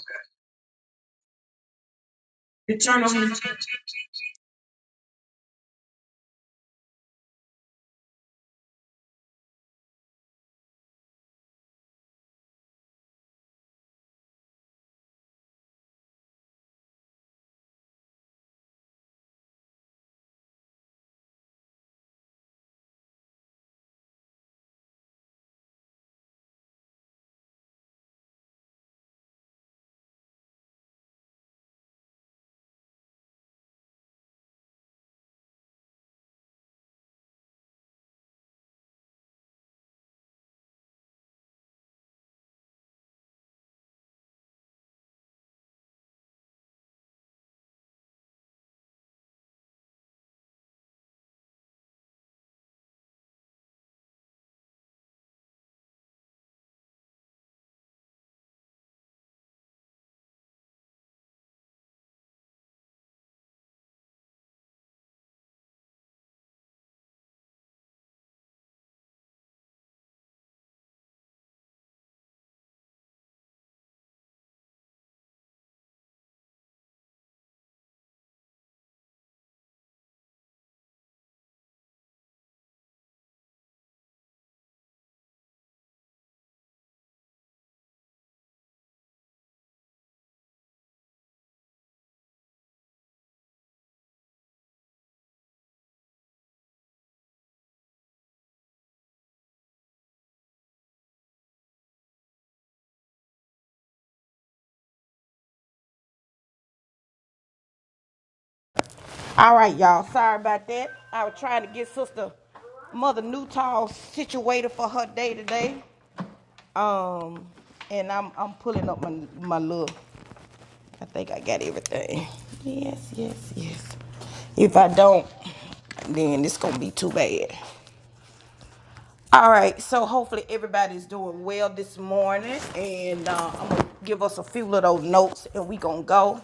All right, y'all. Sorry about that. I was trying to get Sister Mother Newtall situated for her day today. Um, and I'm I'm pulling up my my little. I think I got everything. Yes, yes, yes. If I don't, then it's gonna be too bad. All right. So hopefully everybody's doing well this morning, and uh, I'm gonna give us a few of those notes, and we gonna go.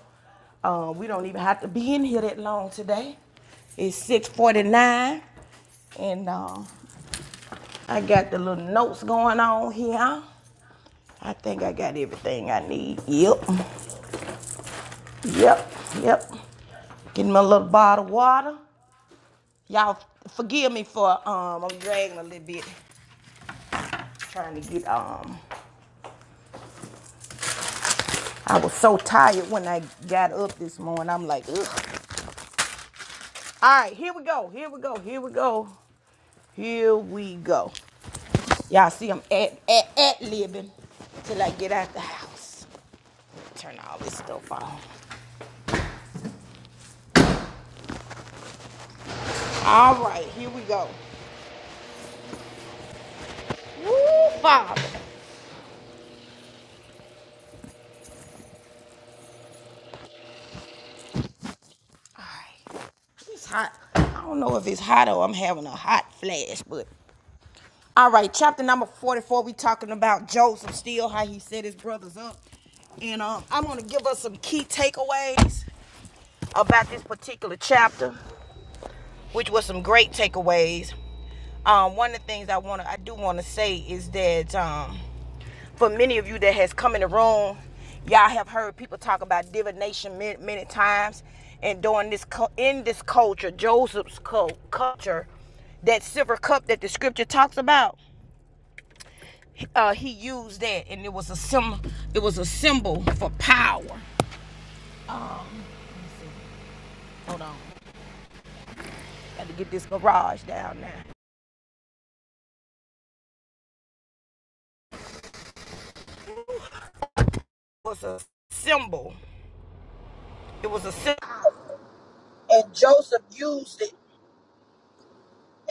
Uh, we don't even have to be in here that long today. It's 6:49, and uh, I got the little notes going on here. I think I got everything I need. Yep, yep, yep. Get my little bottle of water. Y'all forgive me for um I'm dragging a little bit trying to get um I was so tired when I got up this morning. I'm like, ugh. All right, here we go. Here we go. Here we go. Here we go. Y'all see I'm at at at living till I get out the house. Turn all this stuff off. All right, here we go. Woo, Father. All right. It's hot. I don't know if it's hot or I'm having a hot flash, but all right, chapter number 44, we talking about Joseph still, how he set his brothers up. And um, I'm gonna give us some key takeaways about this particular chapter which was some great takeaways. Um, one of the things I want to, I do want to say is that um, for many of you that has come in the room, y'all have heard people talk about divination many, many times, and during this in this culture, Joseph's culture, that silver cup that the scripture talks about, uh, he used that, and it was a sim, it was a symbol for power. Hold on, got to get this garage down now. It was a symbol. It was a symbol. and Joseph used it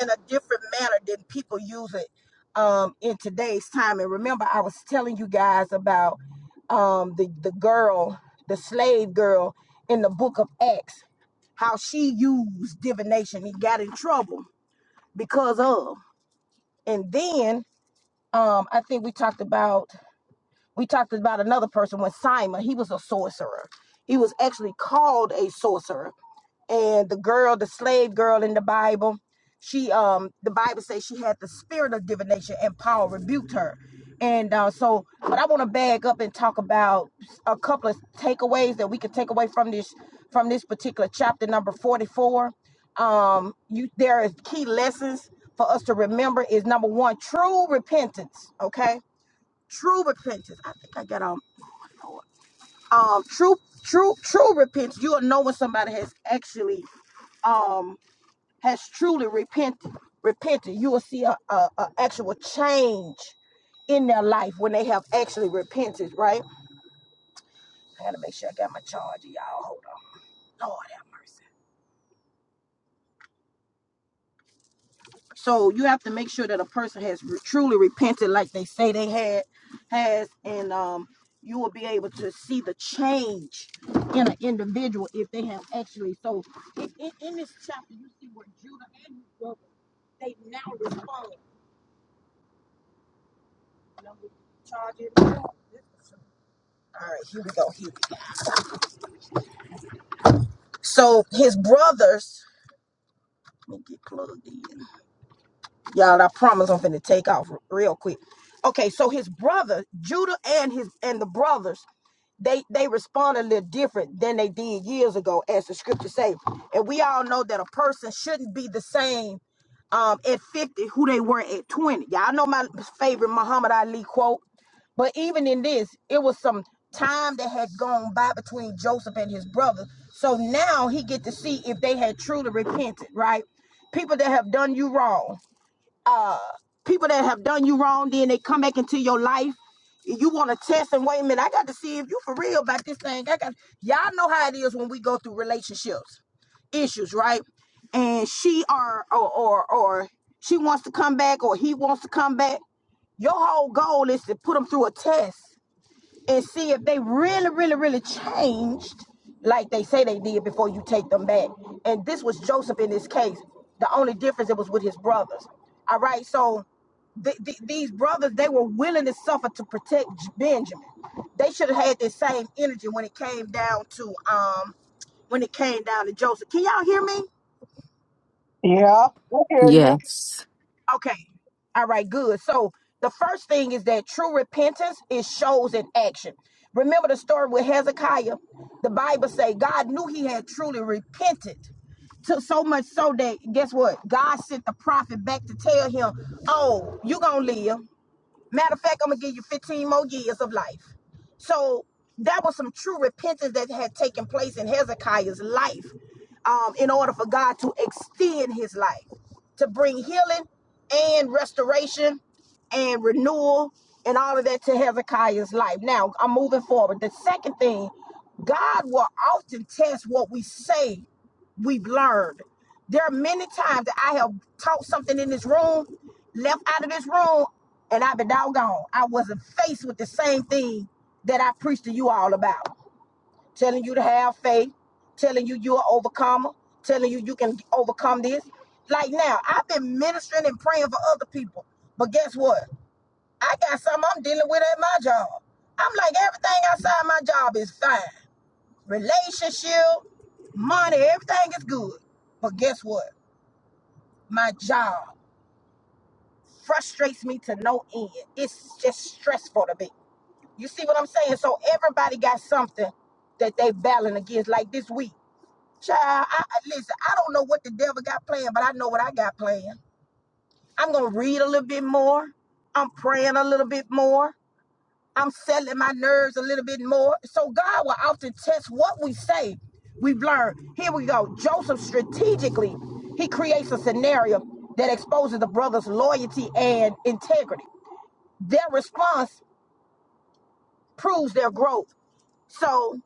in a different manner than people use it um, in today's time. And remember, I was telling you guys about um, the the girl, the slave girl in the Book of Acts, how she used divination and got in trouble because of. And then um, I think we talked about. We talked about another person when Simon, he was a sorcerer. He was actually called a sorcerer. And the girl, the slave girl in the Bible, she um the Bible says she had the spirit of divination and Paul rebuked her. And uh, so, but I want to bag up and talk about a couple of takeaways that we could take away from this from this particular chapter number 44. Um, you there is key lessons for us to remember is number one, true repentance. Okay True repentance. I think I got um um true true true repentance. You'll know when somebody has actually um has truly repented repented. You will see a, a, a actual change in their life when they have actually repented, right? I gotta make sure I got my charger, y'all. Hold on. Lord have mercy. So you have to make sure that a person has re- truly repented, like they say they had, has, and um, you will be able to see the change in an individual if they have actually. So in, in, in this chapter, you see where Judah and his brother they now respond. You know, with charging. All right, here we go. Here. we go. So his brothers. Let me get plugged in. Y'all, I promise I'm finna take off r- real quick. Okay, so his brother, Judah and his and the brothers, they they respond a little different than they did years ago, as the scriptures say. And we all know that a person shouldn't be the same um at 50 who they were at 20. Y'all know my favorite Muhammad Ali quote. But even in this, it was some time that had gone by between Joseph and his brother. So now he get to see if they had truly repented, right? People that have done you wrong people that have done you wrong, then they come back into your life. You want to test and wait a minute. I got to see if you for real about this thing. I got y'all know how it is when we go through relationships issues, right? And she are or or, or she wants to come back, or he wants to come back. Your whole goal is to put them through a test and see if they really, really, really changed like they say they did before you take them back. And this was Joseph in this case. The only difference it was with his brothers. All right, so th- th- these brothers they were willing to suffer to protect J- Benjamin. They should have had this same energy when it came down to um when it came down to Joseph. Can y'all hear me? Yeah, I hear you. Yes. Okay. All right, good. So the first thing is that true repentance is shows in action. Remember the story with Hezekiah? The Bible say God knew he had truly repented. To so much so that guess what? God sent the prophet back to tell him, Oh, you gonna live. Matter of fact, I'm gonna give you 15 more years of life. So that was some true repentance that had taken place in Hezekiah's life um, in order for God to extend his life, to bring healing and restoration and renewal and all of that to Hezekiah's life. Now, I'm moving forward. The second thing, God will often test what we say we've learned. There are many times that I have taught something in this room, left out of this room, and I've been doggone. I wasn't faced with the same thing that I preached to you all about. Telling you to have faith, telling you you're an overcomer, telling you you can overcome this. Like now, I've been ministering and praying for other people. But guess what? I got something I'm dealing with at my job. I'm like, everything outside my job is fine relationship, money, everything is good. But guess what? My job frustrates me to no end. It's just stressful to me. You see what I'm saying? So everybody got something that they battling against. Like this week, child. I, I- listen, I don't know what the devil got planned, but I know what I got planned. I'm gonna read a little bit more. I'm praying a little bit more. I'm settling my nerves a little bit more. So God will often test what we say. We've learned. Here we go. Joseph strategically, he creates a scenario that exposes the brothers' loyalty and integrity. Their response proves their growth. So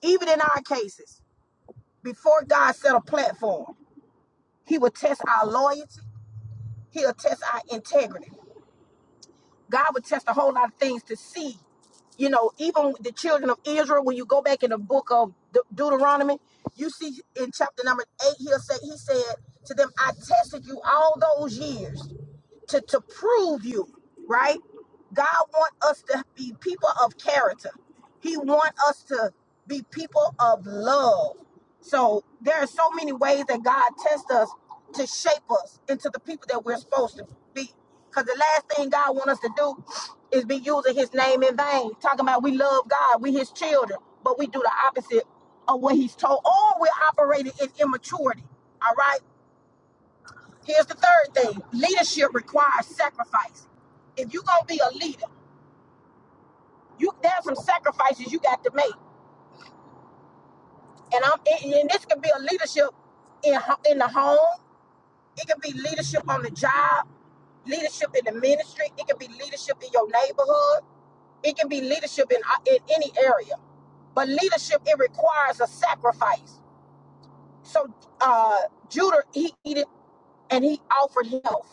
even in our cases, before God set a platform, he will test our loyalty, he'll test our integrity. God would test a whole lot of things to see. You know, even the children of Israel, when you go back in the book of De- Deuteronomy, you see in chapter number eight, he'll say, he said to them, I tested you all those years to, to prove you, right? God want us to be people of character. He want us to be people of love. So there are so many ways that God tests us to shape us into the people that we're supposed to be. Because the last thing God wants us to do is be using his name in vain. Talking about we love God, we his children, but we do the opposite of what he's told. Or we're operating in immaturity. All right? Here's the third thing. Leadership requires sacrifice. If you're gonna be a leader, you there's some sacrifices you got to make. And I'm and and this could be a leadership in ho- in the home. It can be leadership on the job, leadership in the ministry. It can be leadership in your neighborhood. It can be leadership in, uh, in any area. But leadership, it requires a sacrifice. So uh, Judah, he, he did, and he offered help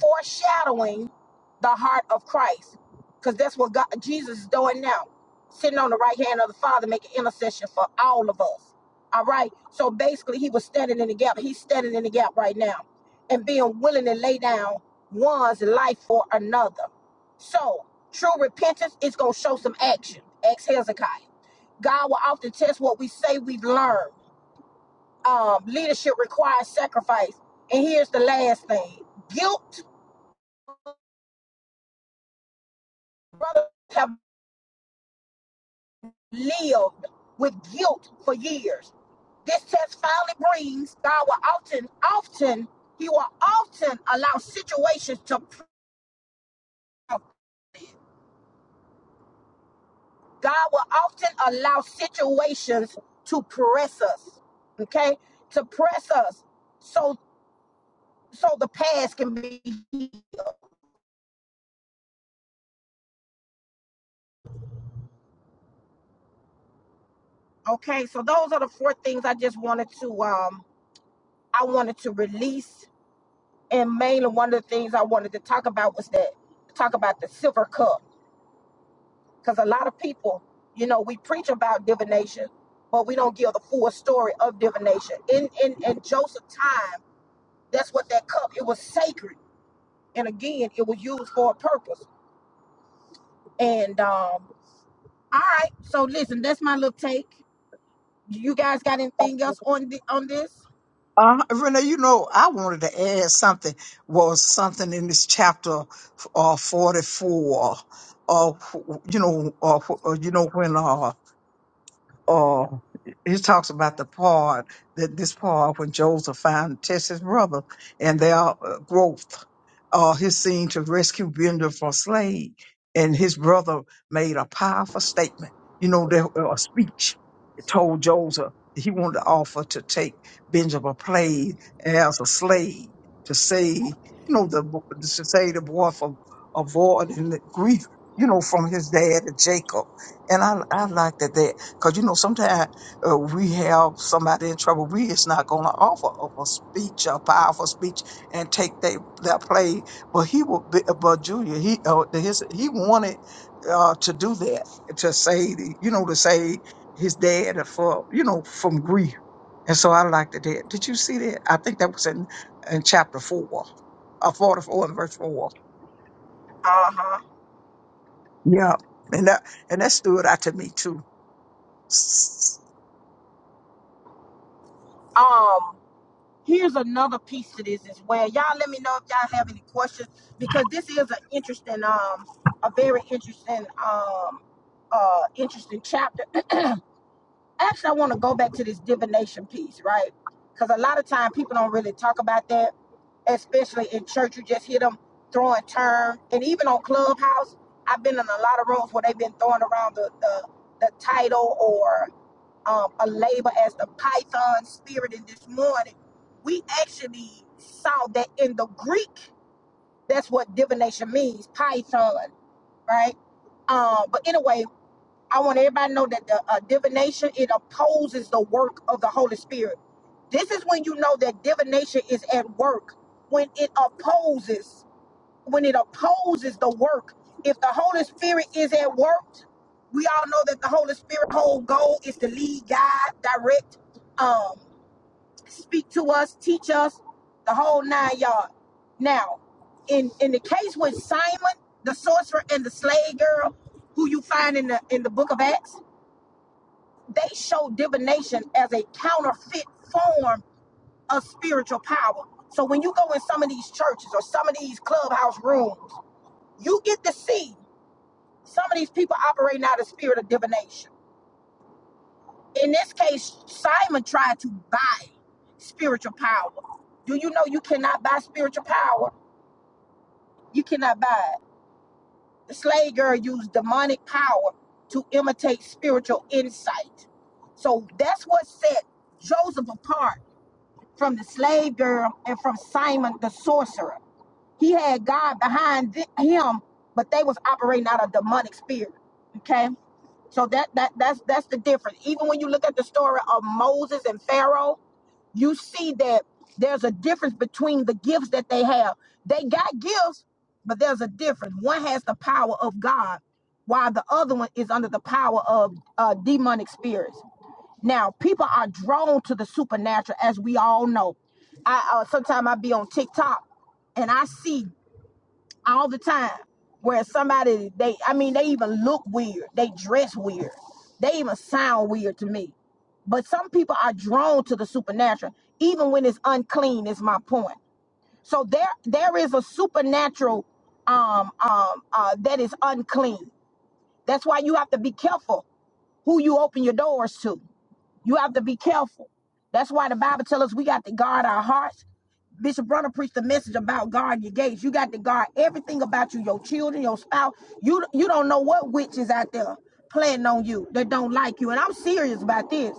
foreshadowing the heart of Christ. Because that's what God, Jesus is doing now, sitting on the right hand of the Father, making intercession for all of us. All right. So basically, he was standing in the gap. He's standing in the gap right now and being willing to lay down one's life for another. So true repentance is going to show some action. Ex Hezekiah. God will often test what we say we've learned. Um, leadership requires sacrifice. And here's the last thing guilt brothers have lived with guilt for years. This test finally brings God will often, often, He will often allow situations to prove. God will often allow situations to press us. Okay? To press us so so the past can be healed, okay. So those are the four things I just wanted to um I wanted to release. And mainly one of the things I wanted to talk about was that talk about the silver cup. Because a lot of people, you know, we preach about divination, but we don't give the full story of divination. In in in Joseph's time, that's what that cup. It was sacred, and again, it was used for a purpose. And um, all right, so listen, that's my little take. You guys got anything else on the on this? Uh, Renee, you know, I wanted to add something, was something in this chapter uh, 44, uh, you know, uh, you know, when uh, Oh, he talks about the part that this part when Joseph found tests his brother and their uh, growth, uh, his scene to rescue Bender from slave, and his brother made a powerful statement. You know, there uh, a speech that told Joseph that he wanted to offer to take Benjamin Plague as a slave to save, you know, the bo- to save the boy from avoiding the grief, you know, from his dad and Jacob. And I, I like that. Because you know, sometimes uh, we have somebody in trouble. We is not going to offer up a speech, a powerful speech, and take that that play. But he will. Be, but Junior, he uh, the- his he wanted uh, to do that to say, the- you know, to say his dad for you know from grief. And so I liked it. There. Did you see that? I think that was in in chapter four, uh, forty four and verse four. Uh huh. Yeah, and that and that stood out to me too. Um. Here's another piece to this as well. Y'all let me know if y'all have any questions because this is an interesting um a very interesting um uh interesting chapter actually, I want to go back to this divination piece, right? Because a lot of time people don't really talk about that, especially in church. You just hear them throwing term, and even on Clubhouse, I've been in a lot of rooms where they've been throwing around the the, the title or um, a label as the Python spirit. And this morning, we actually saw that in the Greek, that's what divination means, Python, right? Um, but anyway, I want everybody to know that the uh, divination it opposes the work of the Holy Spirit. This is when you know that divination is at work when it opposes when it opposes the work. If the Holy Spirit is at work, we all know that the Holy Spirit whole goal is to lead, guide, direct, um, speak to us, teach us the whole nine yard. Now, in in the case with Simon, the sorcerer, and the slave girl, who you find in the in the book of Acts they show divination as a counterfeit form of spiritual power. So when you go in some of these churches or some of these clubhouse rooms, you get to see some of these people operating out of spirit of divination. In this case, Simon tried to buy spiritual power. Do you know you cannot buy spiritual power? You cannot buy it. The slave girl used demonic power to imitate spiritual insight. So that's what set Joseph apart from the slave girl, and from Simon the sorcerer. He had God behind th- him, but they was operating out of demonic spirit. Okay, so that that that's that's the difference. Even when you look at the story of Moses and Pharaoh, you see that there's a difference between the gifts that they have. They got gifts, but there's a difference. One has the power of God, while the other one is under the power of uh, demonic spirits. Now, people are drawn to the supernatural, as we all know. I uh, sometimes I be on TikTok and I see all the time where somebody they I mean they even look weird, they dress weird, they even sound weird to me. But some people are drawn to the supernatural, even when it's unclean. Is my point. So there there is a supernatural um um uh, that is unclean. That's why you have to be careful who you open your doors to you have to be careful. That's why the Bible tells us we got to guard our hearts. Bishop Brunner preached a message about guard your gates. You got to guard everything about you, your children, your spouse. You you don't know what witch is out there planning on you that don't like you. And I'm serious about this.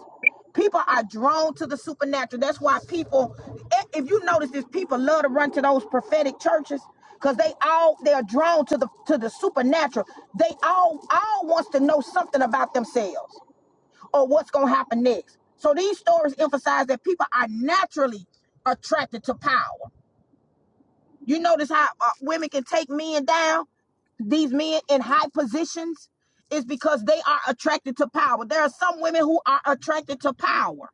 People are drawn to the supernatural. That's why people, eh, if you notice this, people love to run to those prophetic churches because they all they're drawn to the to the supernatural. They all all wants to know something about themselves or what's going to happen next. So these stories emphasize that people are naturally attracted to power. You notice how uh, women can take men down, these men in high positions, is because they are attracted to power. There are some women who are attracted to power.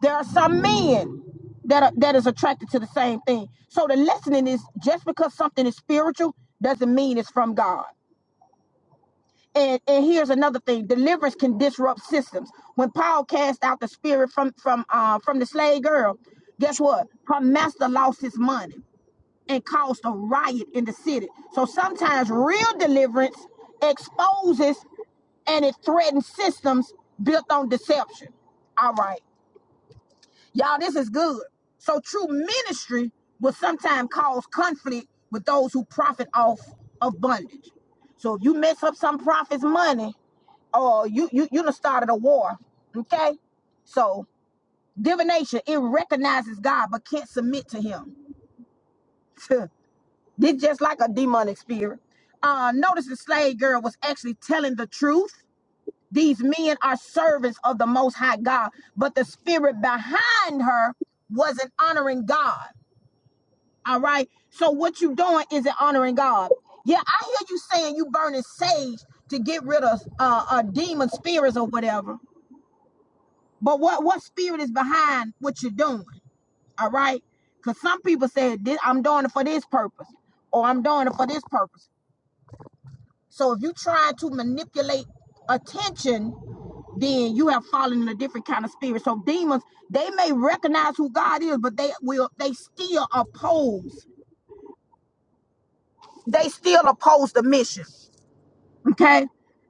There are some men that are, that is attracted to the same thing. So the lesson is just because something is spiritual doesn't mean it's from God. And, and here's another thing: deliverance can disrupt systems. When Paul cast out the spirit from from uh, from the slave girl, guess what? Her master lost his money and caused a riot in the city. So sometimes real deliverance exposes and it threatens systems built on deception. All right. Y'all, this is good. So true ministry will sometimes cause conflict with those who profit off of bondage. So if you mess up some prophet's money, or you you you done started a war. Okay? So divination, it recognizes God but can't submit to him. this just like a demonic spirit. Uh notice the slave girl was actually telling the truth these men are servants of the Most High God, but the spirit behind her wasn't honoring God. All right. So what you doing isn't honoring God. Yeah, I hear you saying you burning sage to get rid of uh, uh demon spirits or whatever. But what what spirit is behind what you're doing? All right. Because some people say I'm doing it for this purpose, or I'm doing it for this purpose. So if you try to manipulate attention, then you have fallen in a different kind of spirit. So demons, they may recognize who God is, but they will they still oppose. They still oppose the mission. Okay.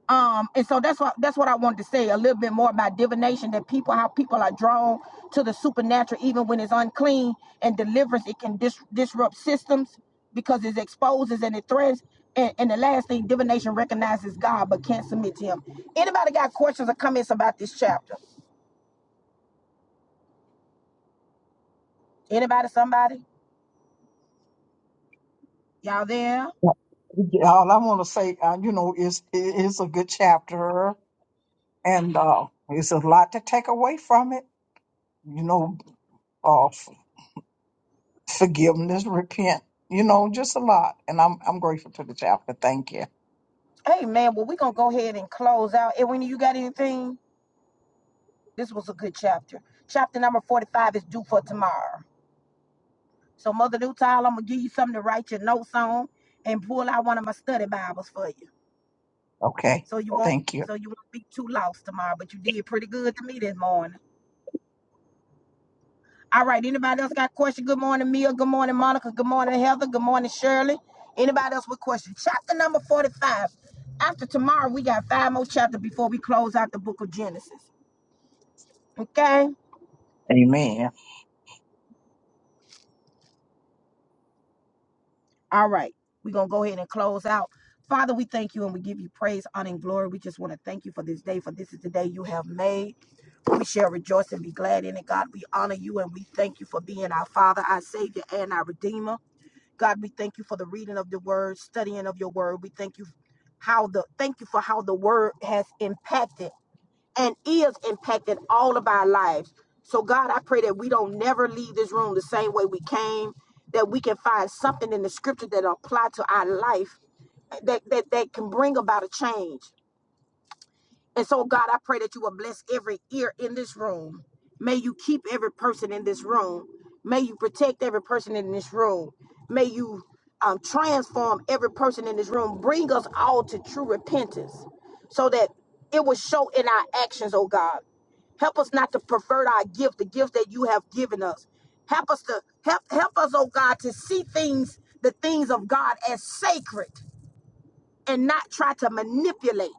Um, and so that's what that's what I wanted to say a little bit more about divination that people how people are drawn to the supernatural even when it's unclean and deliverance it can dis- disrupt systems because it exposes and it threatens and, and the last thing divination recognizes God but can't submit to him. Anybody got questions or comments about this chapter? Anybody, somebody? Y'all there? Yeah, all I want to say, uh, you know, is it is a good chapter, and uh, it's a lot to take away from it. You know, uh, f- forgiveness, repent. You know, just a lot, and I'm I'm grateful to the chapter. Thank you. Hey man, well we're gonna go ahead and close out. Edwin, you got anything? This was a good chapter. Chapter number 45 is due for tomorrow. So, Mother Newtile, I'm gonna give you something to write your notes on and pull out one of my study Bibles for you. Okay, So you won't thank you. so you won't be too lost tomorrow. But you did pretty good to me this morning. All right, anybody else got a question? Good morning, Mia. Good morning, Monica. Good morning, Heather. Good morning, Shirley. Anybody else with questions? Chapter number 45. After tomorrow, we got five more chapters before we close out the book of Genesis. Okay? Amen. All right. We're going to go ahead and close out. Father, we thank you and we give you praise, honor, and glory. We just want to thank you for this day, for this is the day you have made. We shall rejoice and be glad in it. God, we honor you and we thank you for being our Father, our Savior, and our Redeemer. God, we thank you for the reading of the word, studying of your word. We thank you how the thank you for how the word has impacted and is impacting all of our lives. So, God, I pray that we don't never leave this room the same way we came, that we can find something in the scripture that apply to our life that, that, that can bring about a change. And so, God, I pray that you will bless every ear in this room. May you keep every person in this room. May you protect every person in this room. May you um, transform every person in this room. Bring us all to true repentance so that it will show in our actions, oh God. Help us not to pervert our gift, the gift that you have given us. Help us to help help us, oh God, to see things, the things of God as sacred and not try to manipulate.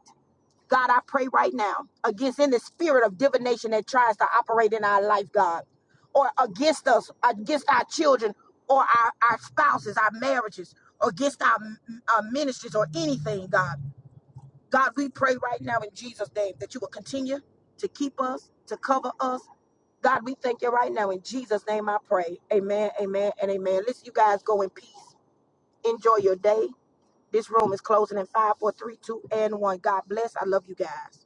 God, I pray right now against any spirit of divination that tries to operate in our life, God, or against us, against our children, or our, our spouses, our marriages, or against our, our ministries, or anything, God. God, we pray right now in Jesus' name that you will continue to keep us, to cover us. God, we thank you right now. In Jesus' name I pray. Amen, amen, and amen. Listen, you guys go in peace. Enjoy your day. This room is closing in five, four, three, two, and 1. God bless. I love you guys.